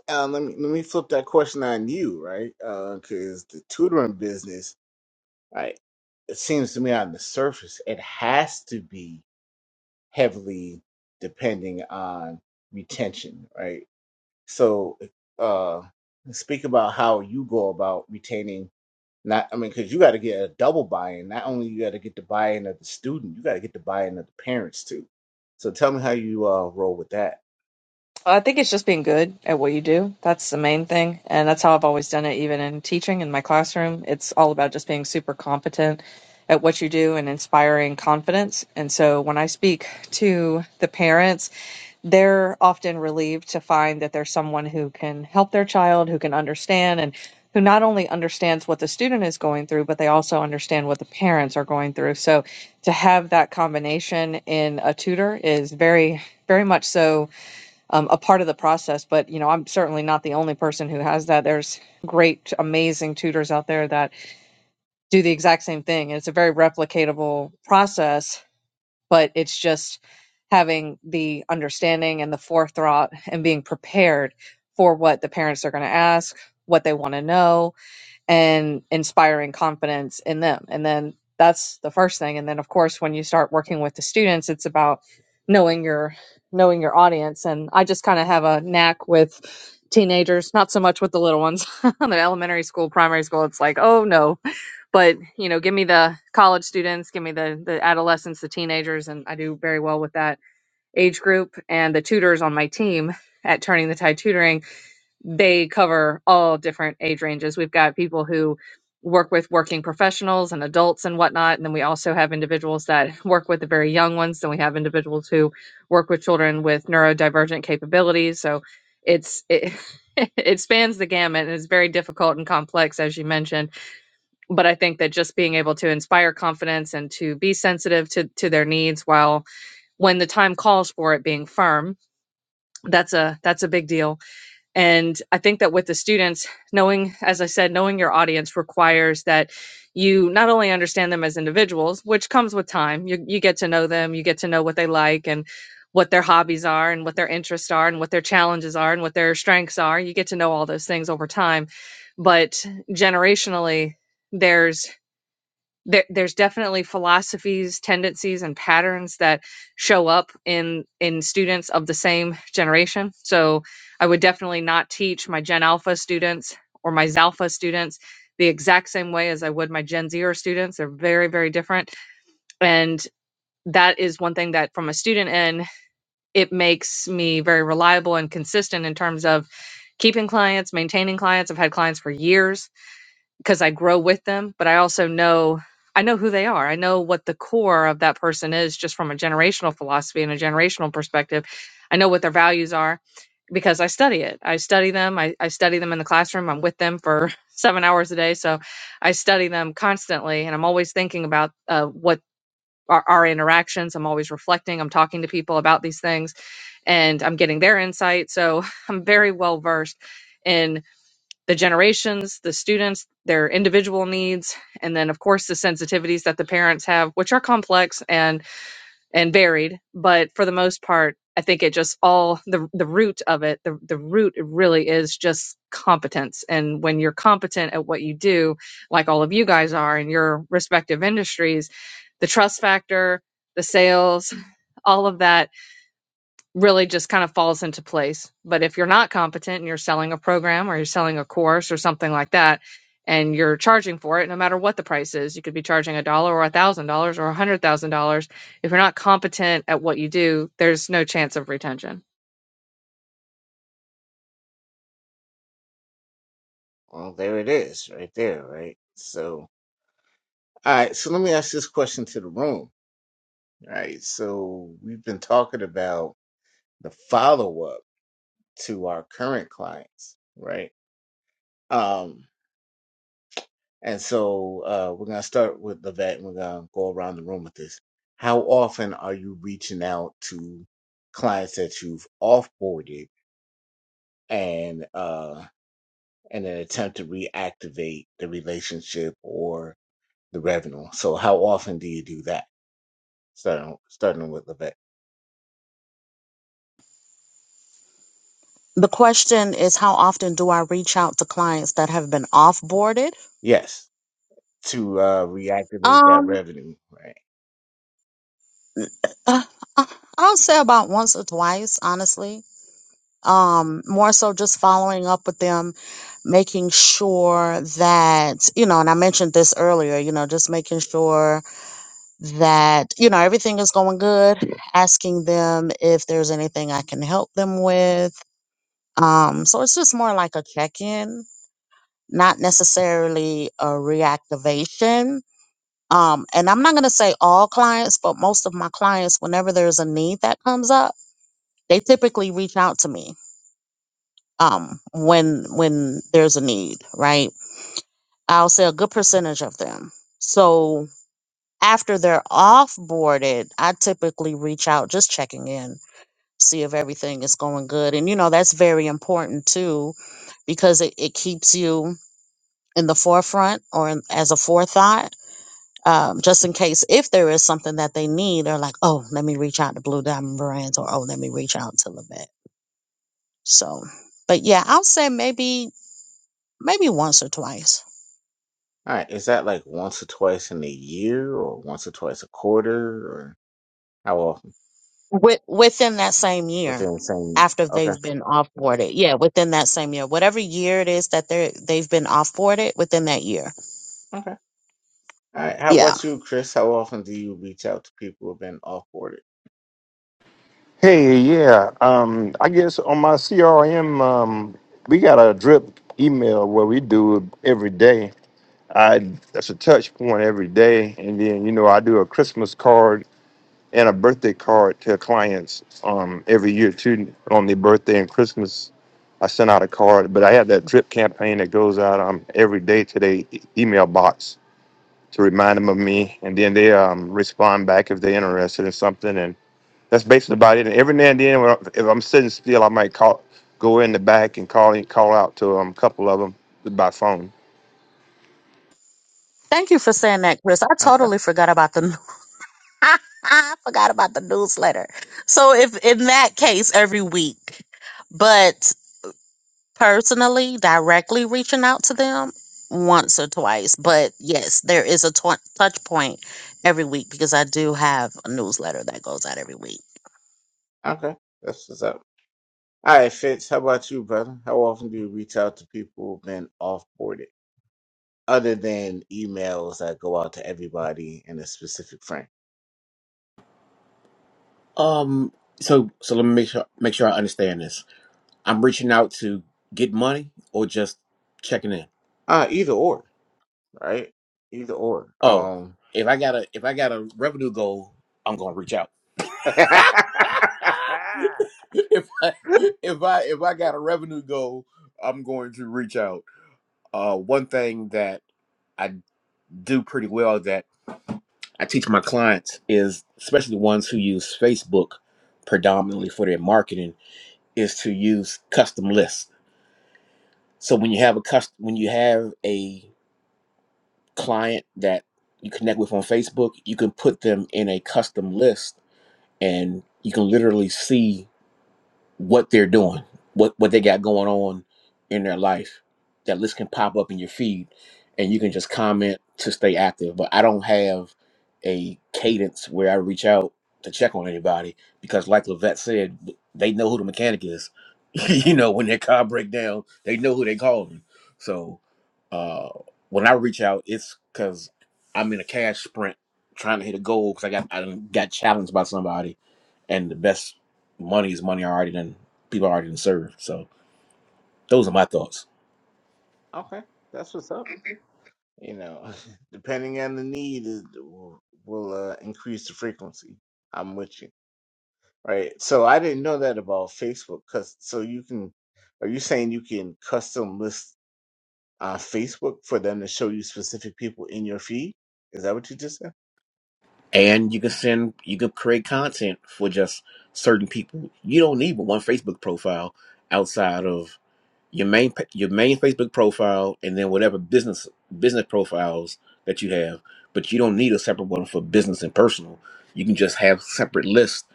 [SPEAKER 1] Uh, let me let me flip that question on you, right? Because the tutoring business, right? It seems to me on the surface, it has to be heavily depending on retention, right? So, uh, speak about how you go about retaining. Not, I mean, because you got to get a double buy-in. Not only you got to get the buy-in of the student, you got to get the buy-in of the parents too. So, tell me how you uh, roll with that.
[SPEAKER 6] I think it's just being good at what you do. That's the main thing. And that's how I've always done it, even in teaching in my classroom. It's all about just being super competent at what you do and inspiring confidence. And so when I speak to the parents, they're often relieved to find that there's someone who can help their child, who can understand, and who not only understands what the student is going through, but they also understand what the parents are going through. So to have that combination in a tutor is very, very much so um, a part of the process. But you know, I'm certainly not the only person who has that. There's great, amazing tutors out there that do the exact same thing. It's a very replicatable process, but it's just having the understanding and the forethought and being prepared for what the parents are going to ask, what they want to know, and inspiring confidence in them. And then that's the first thing. And then of course when you start working with the students, it's about knowing your knowing your audience. And I just kind of have a knack with teenagers, not so much with the little ones. In elementary school, primary school, it's like, oh no. But you know, give me the college students, give me the the adolescents, the teenagers, and I do very well with that age group and the tutors on my team at Turning the Tide Tutoring they cover all different age ranges. We've got people who work with working professionals and adults and whatnot. And then we also have individuals that work with the very young ones. Then we have individuals who work with children with neurodivergent capabilities. So it's it it spans the gamut and it's very difficult and complex as you mentioned. But I think that just being able to inspire confidence and to be sensitive to to their needs while when the time calls for it being firm, that's a that's a big deal and I think that with the students, knowing, as I said, knowing your audience requires that you not only understand them as individuals, which comes with time, you, you get to know them, you get to know what they like and what their hobbies are and what their interests are and what their challenges are and what their strengths are. You get to know all those things over time. But generationally, there's there, there's definitely philosophies tendencies and patterns that show up in in students of the same generation so i would definitely not teach my gen alpha students or my zalpha students the exact same way as i would my gen zer students they're very very different and that is one thing that from a student end it makes me very reliable and consistent in terms of keeping clients maintaining clients i've had clients for years because I grow with them, but I also know I know who they are. I know what the core of that person is just from a generational philosophy and a generational perspective. I know what their values are because I study it. I study them. I, I study them in the classroom. I'm with them for seven hours a day. So I study them constantly and I'm always thinking about uh, what our, our interactions. I'm always reflecting. I'm talking to people about these things and I'm getting their insight. So I'm very well versed in the generations, the students, their individual needs, and then of course the sensitivities that the parents have, which are complex and and varied, but for the most part, I think it just all the the root of it, the the root really is just competence. And when you're competent at what you do, like all of you guys are in your respective industries, the trust factor, the sales, all of that really just kind of falls into place. But if you're not competent and you're selling a program or you're selling a course or something like that, and you're charging for it, no matter what the price is, you could be charging a dollar or a thousand dollars or a hundred thousand dollars. If you're not competent at what you do, there's no chance of retention.
[SPEAKER 1] Well, there it is, right there, right. So, all right. So, let me ask this question to the room. right? So, we've been talking about the follow-up to our current clients, right? Um. And so uh, we're going to start with Levette and we're going to go around the room with this. How often are you reaching out to clients that you've offboarded and uh, in an attempt to reactivate the relationship or the revenue? So how often do you do that? Starting, starting with Levette.
[SPEAKER 2] The question is, how often do I reach out to clients that have been offboarded?
[SPEAKER 1] Yes, to uh, reactivate that
[SPEAKER 2] Um,
[SPEAKER 1] revenue, right?
[SPEAKER 2] Uh, uh, I'll say about once or twice, honestly. Um, more so just following up with them, making sure that, you know, and I mentioned this earlier, you know, just making sure that, you know, everything is going good, asking them if there's anything I can help them with. Um, so it's just more like a check in, not necessarily a reactivation. Um, and I'm not going to say all clients, but most of my clients, whenever there's a need that comes up, they typically reach out to me um, when when there's a need, right? I'll say a good percentage of them. So after they're offboarded, I typically reach out just checking in, see if everything is going good, and you know that's very important too, because it, it keeps you in the forefront or in, as a forethought. Um, just in case if there is something that they need, they're like, oh, let me reach out to Blue Diamond Brands or oh, let me reach out to Levette. So but yeah, I'll say maybe maybe once or twice
[SPEAKER 1] All right, is that like once or twice in a year or once or twice a quarter or how often?
[SPEAKER 2] with, within that same year
[SPEAKER 1] Within the same.
[SPEAKER 2] after
[SPEAKER 1] Okay,
[SPEAKER 2] they've been offboarded. Yeah, within that same year, whatever year it is that they are they've been offboarded within that year.
[SPEAKER 1] Okay. All right. How
[SPEAKER 2] Yeah.
[SPEAKER 1] about you, Chris? How often do you reach out to people who've been off boarded?
[SPEAKER 3] Hey, yeah. Um, I guess on my CRM, um, we got a drip email where we do it every day. I that's a touch point every day, and then you know I do a Christmas card and a birthday card to clients um, every year too. On their birthday and Christmas, I send out a card. But I have that drip campaign that goes out um, every day to their e- email box to remind them of me, and then they um, respond back if they're interested in something. That's basically about it. And every now and then, when I, if I'm sitting still, I might call, go in the back and call in, call out to um, a couple of them by phone.
[SPEAKER 2] Thank you for saying that, Chris. I
[SPEAKER 1] Okay.
[SPEAKER 2] totally forgot about the I forgot about the newsletter. So if in that case every week, but personally directly reaching out to them once or twice, but yes, there is a tw- touch point every week because I do have a newsletter that goes out every week.
[SPEAKER 1] Okay. That's what's up. All right, Fitz. How about you, brother? How often do you reach out to people who've been off boarded, other than emails that go out to everybody in a specific frame?
[SPEAKER 5] Um, so so let me make sure make sure I understand this. I'm reaching out to get money or just checking in.
[SPEAKER 1] Uh, either or, right? Either or.
[SPEAKER 5] Oh,
[SPEAKER 1] Um.
[SPEAKER 5] if I got a if I got a revenue goal, I'm gonna reach out. if I if I if I got a revenue goal, I'm going to reach out. Uh, one thing that I do pretty well that I teach my clients is, especially the ones who use Facebook predominantly for their marketing, is to use custom lists. So when you have a custom, when you have a client that you connect with on Facebook, you can put them in a custom list and you can literally see what they're doing, what what they got going on in their life. That list can pop up in your feed, and you can just comment to stay active. But I don't have a cadence where I reach out to check on anybody because, like Levette said, they know who the mechanic is. you know, when their car break down, they know who they calling. So uh, when I reach out, it's because I'm in a cash sprint trying to hit a goal because I got I done got challenged by somebody, and the best money is money already done people already done served. So those are my thoughts.
[SPEAKER 1] Okay. That's what's up. You know, depending on the need, is- will will uh, increase the frequency. I'm with you. Right. So I didn't know that about Facebook. Cause so you can, are you saying you can custom list on Facebook for them to show you specific people in your feed? Is that what you just said?
[SPEAKER 5] And you can send you can create content for just certain people. You don't need but one Facebook profile outside of your main pa- your main Facebook profile and then whatever business business profiles that you have. But you don't need a separate one for business and personal. You can just have separate lists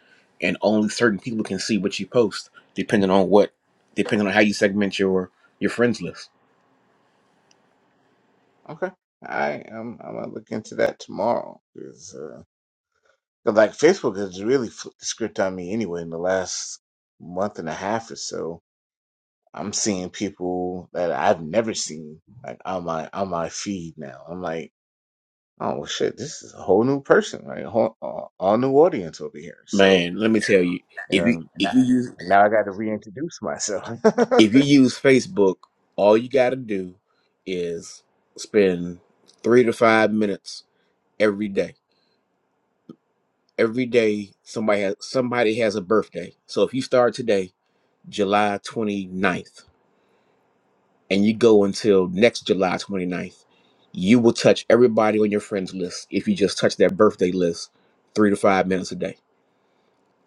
[SPEAKER 5] and only certain people can see what you post depending on what depending on how you segment your your friends list.
[SPEAKER 1] Okay. I am. I'm, gonna look into that tomorrow. Cause, uh, 'cause, like Facebook has really flipped the script on me anyway in the last month and a half or so. I'm seeing people that I've never seen like on my on my feed now. I'm like. Oh well, shit! This is a whole new person, right? Whole, all, all new audience over here. So
[SPEAKER 5] Man, let me tell you, if you
[SPEAKER 1] um, now,
[SPEAKER 5] if you use
[SPEAKER 1] now I got to reintroduce myself. all
[SPEAKER 5] if you use Facebook, all you got to do is spend three to five minutes every day. Every day, somebody has somebody has a birthday. So if you start today, July 29th, and you go until next July 29th, you will touch everybody on your friends list if you just touch that birthday list three to five minutes a day.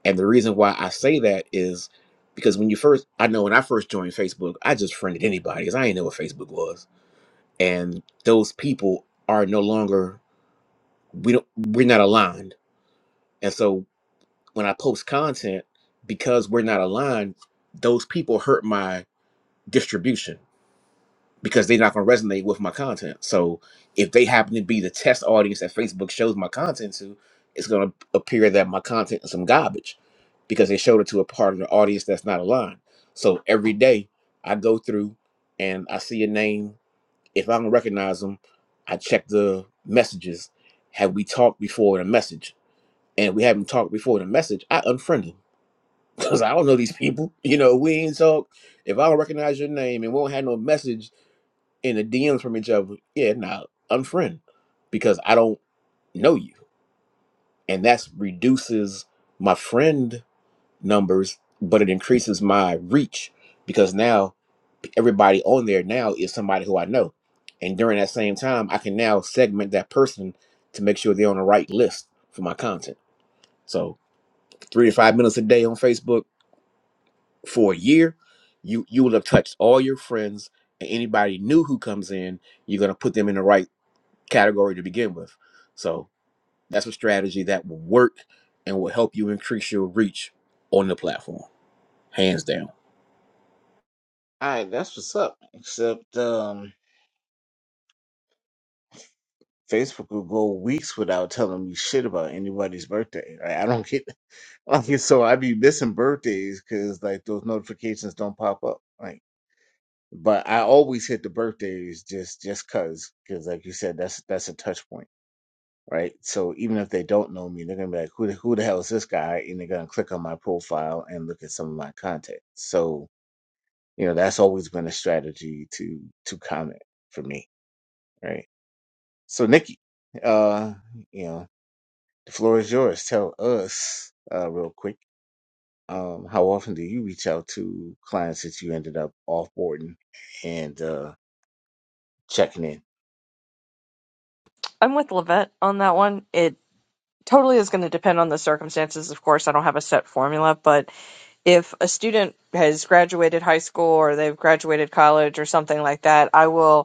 [SPEAKER 5] And the reason why I say that is because when you first, I know when I first joined Facebook, I just friended anybody because I didn't know what Facebook was. And those people are no longer, we don't, we're not aligned. And so when I post content, because we're not aligned, those people hurt my distribution. because they're not going to resonate with my content. So if they happen to be the test audience that Facebook shows my content to, it's going to appear that my content is some garbage because they showed it to a part of the audience that's not aligned. So every day I go through and I see a name. If I don't recognize them, I check the messages. Have we talked before in a message? And if we haven't talked before in a message, I unfriend them because I don't know these people. You know, we ain't talk. If I don't recognize your name and we don't have no message, in the DMs from each other, yeah, nah, unfriend because I don't know you, and that's reduces my friend numbers, but it increases my reach because now everybody on there now is somebody who I know, and during that same time, I can now segment that person to make sure they're on the right list for my content. So three to five minutes a day on Facebook for a year, you you will have touched all your friends and anybody new who comes in, you're gonna put them in the right category to begin with. So that's a strategy that will work and will help you increase your reach on the platform, hands down.
[SPEAKER 1] right, that's what's up. Except um, Facebook will go weeks without telling me shit about anybody's birthday. Right? I don't get like so I be missing birthdays because like those notifications don't pop up. Like, but I always hit the birthdays just just cause because like you said, that's that's a touch point. right? So even if they don't know me, they're gonna be like, "Who the, who the hell is this guy?" And they're gonna click on my profile and look at some of my content. So you know that's always been a strategy to to comment for me, right? So Nikki, uh, you know the floor is yours. Tell us uh, real quick. Um, how often do you reach out to clients that you ended up offboarding and uh, checking in?
[SPEAKER 6] I'm with Levette on that one. It totally is going to depend on the circumstances, of course. I don't have a set formula, but if a student has graduated high school or they've graduated college or something like that, I will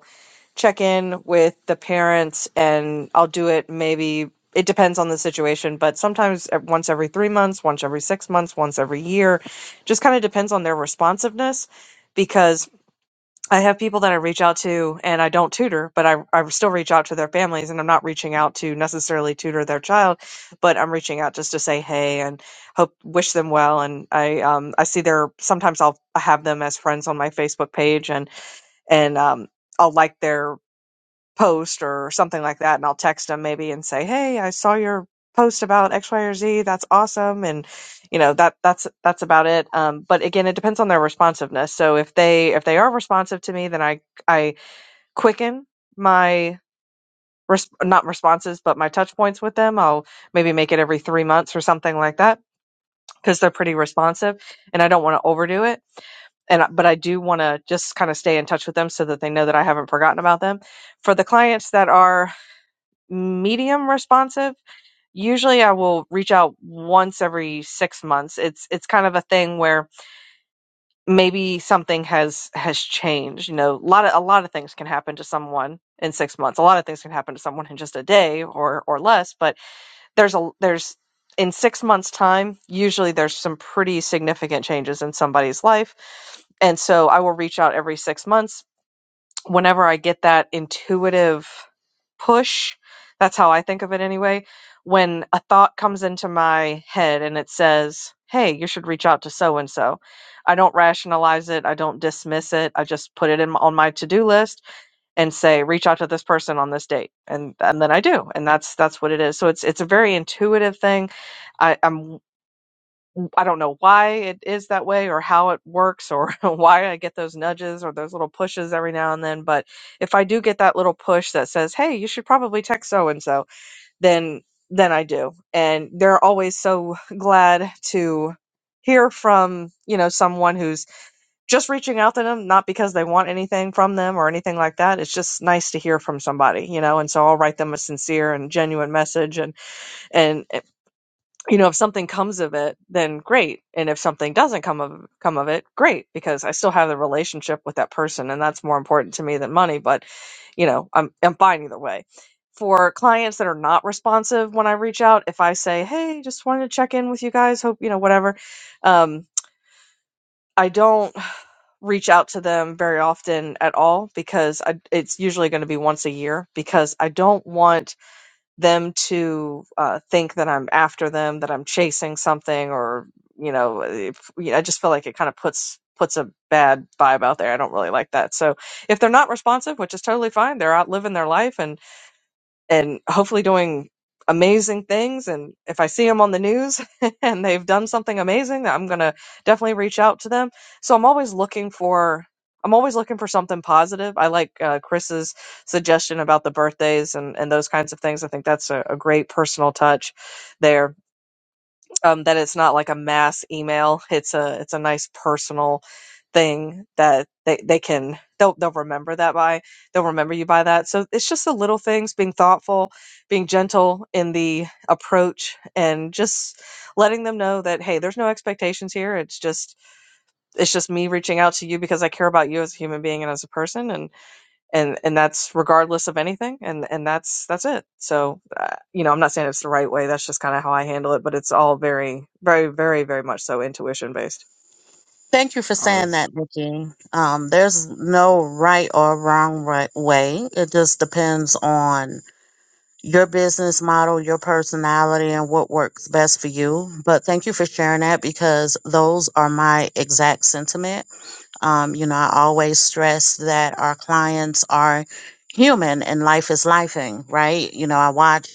[SPEAKER 6] check in with the parents and I'll do it maybe it depends on the situation, but sometimes at- once every 3 months, once every 6 months, once every year. Just kind of depends on their responsiveness because I have people that I reach out to and I don't tutor, but I I still reach out to their families and I'm not reaching out to necessarily tutor their child, but I'm reaching out just to say hey and hope wish them well and I um I see their sometimes I'll have them as friends on my Facebook page and and um I'll like their post or something like that and I'll text them maybe and say, "Hey, I saw your post about X, Y, or Z. That's awesome." And you know, that that's that's about it. Um, but again, it depends on their responsiveness. So if they if they are responsive to me, then I I quicken my res- not responses, but my touch points with them. I'll maybe make it every 3 months or something like that because they're pretty responsive and I don't want to overdo it and I- but I do want to just kind of stay in touch with them so that they know that I haven't forgotten about them. For the clients that are medium responsive. Usually I will reach out once every 6 months. It's it's kind of a thing where maybe something has has changed, you know. A lot of a lot of things can happen to someone in 6 months. A lot of things can happen to someone in just a day or or less, but there's a there's in 6 months time, usually there's some pretty significant changes in somebody's life. And so I will reach out every 6 months whenever I get that intuitive push, that's how I think of it anyway, when a thought comes into my head and it says, hey, you should reach out to so and so, I don't rationalize it. I don't dismiss it. I just put it in on my to do list and say, reach out to this person on this date, and and then I do, and that's that's what it is. So it's it's a very intuitive thing. I, I'm I don't know why it is that way or how it works or why I get those nudges or those little pushes every now and then. But if I do get that little push that says, Hey, you should probably text so and so, then then I do. And they're always so glad to hear from, you know, someone who's just reaching out to them, not because they want anything from them or anything like that. It's just nice to hear from somebody, you know, and so I'll write them a sincere and genuine message and and you know, if something comes of it, then great. And if something doesn't come of come of it, great, because I still have the relationship with that person and that's more important to me than money, but you know, I'm I'm fine either way. For clients that are not responsive when I reach out, if I say, "Hey, just wanted to check in with you guys, hope, you know, whatever." Um I don't reach out to them very often at all because I, it's usually going to be once a year because I don't want them to uh, think that I'm after them, that I'm chasing something, or you know, if, you know, I just feel like it kind of puts puts a bad vibe out there. I don't really like that. So if they're not responsive, which is totally fine, they're out living their life, and and hopefully doing amazing things. And if I see them on the news and they've done something amazing, I'm going to definitely reach out to them. So I'm always looking for. I'm always looking for something positive. I like uh, Chris's suggestion about the birthdays and, and those kinds of things. I think that's a, a great personal touch there um, that it's not like a mass email. It's a it's a nice personal thing that they, they can they'll they'll remember that by they'll remember you by that. So it's just the little things, being thoughtful, being gentle in the approach, and just letting them know that hey, there's no expectations here. It's just it's just me reaching out to you because I care about you as a human being and as a person, and and and that's regardless of anything and and that's that's it so uh, you know i'm not saying it's the right way that's just kind of how i handle it but it's all very very very very much so intuition based
[SPEAKER 2] Thank you for
[SPEAKER 1] All
[SPEAKER 2] saying that, Nikki. Um, there's no right or wrong right way. It just depends on your business model, your personality, and what works best for you. But thank you for sharing that because those are my exact sentiment. Um, you know, I always stress that our clients are human and life is lifing, right? You know, I watch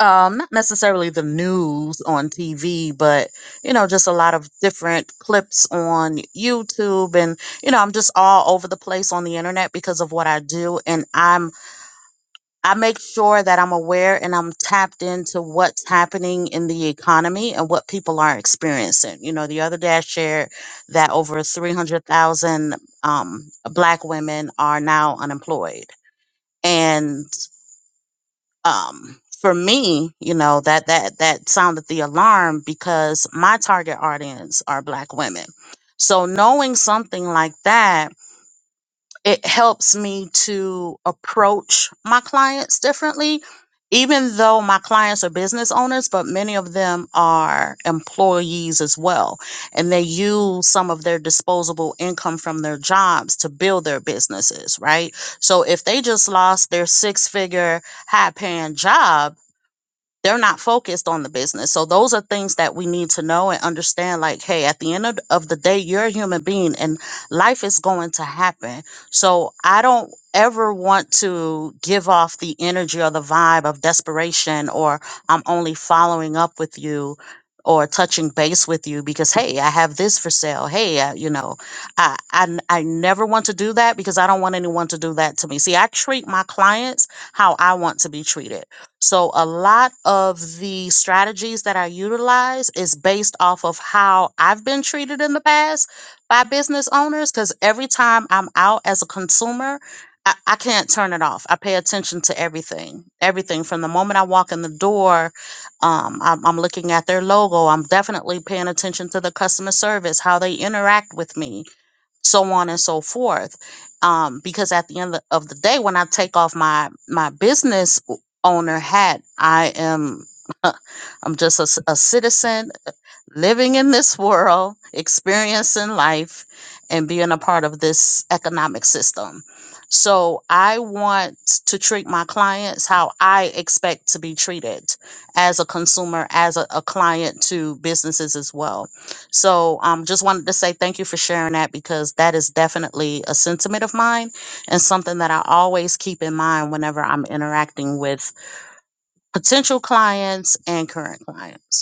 [SPEAKER 2] um not necessarily the news on TV but you know just a lot of different clips on YouTube and you know I'm just all over the place on the internet because of what I do and I'm I make sure that I'm aware and I'm tapped into what's happening in the economy and what people are experiencing. You know, the other day I shared that over 300,000 um, black women are now unemployed. And um for me you know that that that sounded the alarm because my target audience are black women so knowing something like that it helps me to approach my clients differently even though my clients are business owners but many of them are employees as well and they use some of their disposable income from their jobs to build their businesses right so if they just lost their six figure high paying job they're not focused on the business. So those are things that we need to know and understand like hey, at the end of, of the day you're a human being and life is going to happen. So I don't ever want to give off the energy or the vibe of desperation or I'm only following up with you or touching base with you because hey, I have this for sale. Hey, I, you know, I, I n- I never want to do that because I don't want anyone to do that to me. See, I treat my clients how I want to be treated. So a lot of the strategies that I utilize is based off of how I've been treated in the past by business owners because every time I'm out as a consumer, I, I can't turn it off. I pay attention to everything, everything from the moment I walk in the door. Um, I'm, I'm looking at their logo. I'm definitely paying attention to the customer service, how they interact with me so on and so forth. Um, because at the end of the day, when I take off my my business owner hat, I am I'm just a, c- a citizen, living in this world, experiencing life, and being a part of this economic system. So I want to treat my clients how I expect to be treated as a consumer, as a, a client to businesses as well. So um, just wanted to say thank you for sharing that because that is definitely a sentiment of mine and something that I always keep in mind whenever I'm interacting with potential clients and current clients.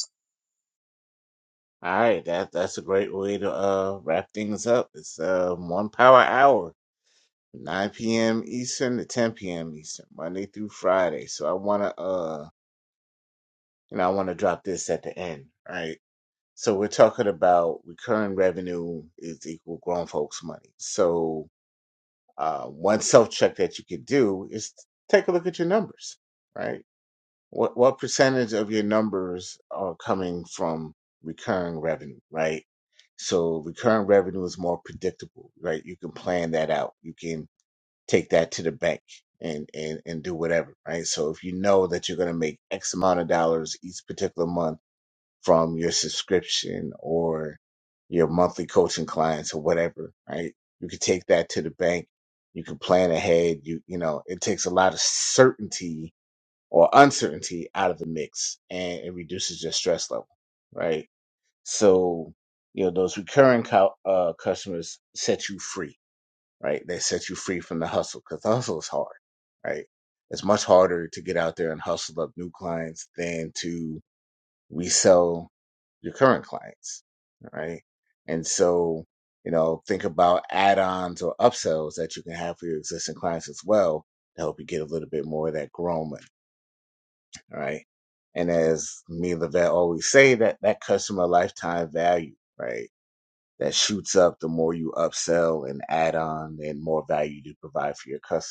[SPEAKER 1] right, that that's a great way to uh, wrap things up. It's uh, one power hour 9 p.m. Eastern to 10 p.m. Eastern, Monday through Friday. So I want to, uh, you know, I want to drop this at the end, right? So we're talking about recurring revenue is equal grown folks money. So uh, one self check that you could do is take a look at your numbers, right? What what percentage of your numbers are coming from recurring revenue, right? So recurring revenue is more predictable, right? You can plan that out. You can take that to the bank and and and do whatever right so if you know that you're going to make x amount of dollars each particular month from your subscription or your monthly coaching clients or whatever right you can take that to the bank you can plan ahead you you know it takes a lot of certainty or uncertainty out of the mix and it reduces your stress level right so you know those recurring co- uh, customers set you free right? They set you free from the hustle because the hustle is hard, right? It's much harder to get out there and hustle up new clients than to resell your current clients, right? And so, you know, think about add ons or upsells that you can have for your existing clients as well to help you get a little bit more of that growing, right? And as me and Levette always say, that that customer lifetime value, right? That shoots up the more you upsell and add on and more value you provide for your customer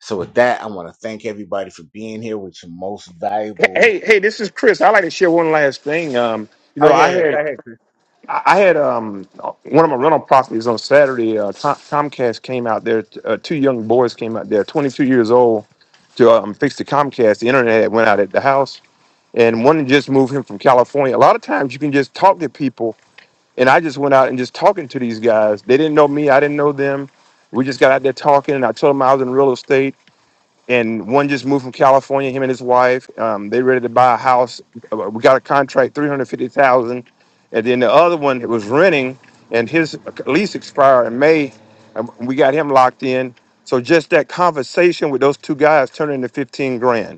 [SPEAKER 1] So with that, I want to thank everybody for being here with your most
[SPEAKER 3] Hey,
[SPEAKER 1] valuable.
[SPEAKER 3] hey, hey, this is Chris. I'd like to share one last thing. Um, you
[SPEAKER 1] Oh
[SPEAKER 3] know,
[SPEAKER 1] yeah,
[SPEAKER 3] I
[SPEAKER 1] yeah. Go
[SPEAKER 3] had
[SPEAKER 1] ahead, Chris.
[SPEAKER 3] I had um one of my rental properties on Saturday. Uh, Tom, Comcast came out there. Uh, two young boys came out there, 22 years old, to um, fix the Comcast. The internet had went out at the house, and one just moved him from California. A lot of times, you can just talk to people And I just went out and just talking to these guys. They didn't know me. I didn't know them. We just got out there talking, and I told them I was in real estate. And one just moved from California. Him and his wife, um, they ready to buy a house. Uh, We got a contract, three hundred fifty thousand. And then the other one was renting, and his lease expired in May. And we got him locked in. So just that conversation with those two guys turned into fifteen grand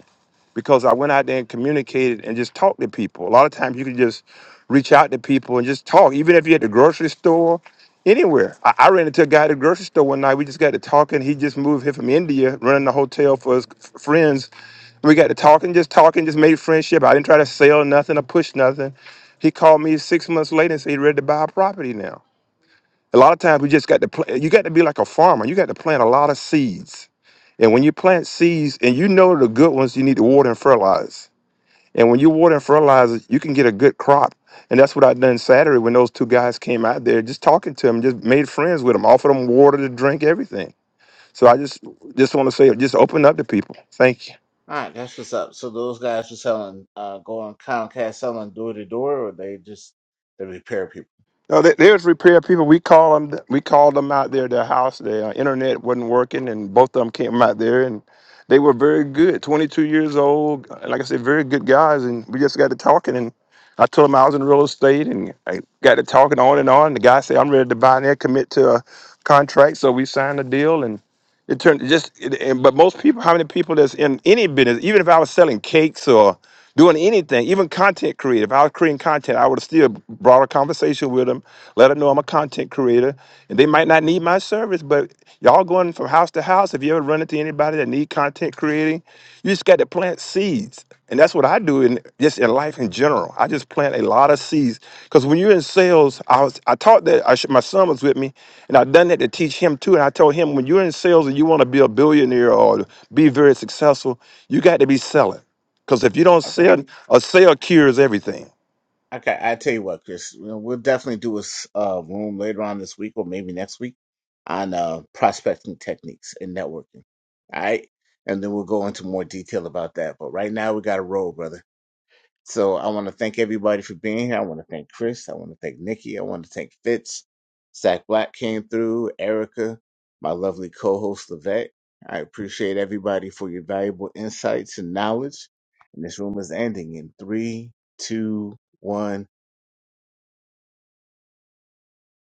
[SPEAKER 3] because I went out there and communicated and just talked to people. A lot of times you can just reach out to people and just talk, even if you're at the grocery store, anywhere. I, I ran into a guy at the grocery store one night. We just got to talking. He just moved here from India, running the hotel for his f- friends. We got to talking, just talking, just made friendship. I didn't try to sell nothing or push nothing. He called me six months later and said he's ready to buy a property now. A lot of times we just got to plant. You got to be like a farmer. You got to plant a lot of seeds. And when you plant seeds, and you know the good ones, you need to water and fertilize and when you water and fertilize, you can get a good crop. And that's what I done Saturday when those two guys came out there, just talking to them, just made friends with them, offered them water to drink, everything. So I just just want to say, just open up to people. Thank you.
[SPEAKER 1] All right, that's what's up. So those guys were selling, uh, going Comcast selling door to door, or they just they repair people.
[SPEAKER 3] No, they, they was repair people. We called them. We called them out there. Their house, their uh, internet wasn't working, and both of them came out there, and they were very good. Twenty-two years old, uh, like I said, very good guys. And we just got to talking, and I told them I was in real estate, and I got to talking on and on. The guy said, "I'm ready to buy and commit to a contract," so we signed a deal, and it turned it just. It, and, but most people, how many people that's in any business, even if I was selling cakes or doing anything, even had to be selling. Because if you don't
[SPEAKER 1] Okay.
[SPEAKER 3] sell, a sale cures everything.
[SPEAKER 1] Okay, I tell you what, Chris, you know, we'll definitely do a s- uh, room later on this week or maybe next week on uh, prospecting techniques and networking. All right, and then we'll go into more detail about that. But right now we got to roll, brother. So I want to thank everybody for being here. I want to thank Chris. I want to thank Nikki. I want to thank Fitz. Zach Black came through. Erica, my lovely co-host Levette. I appreciate everybody for your valuable insights and knowledge. And this room is ending in three, two, one.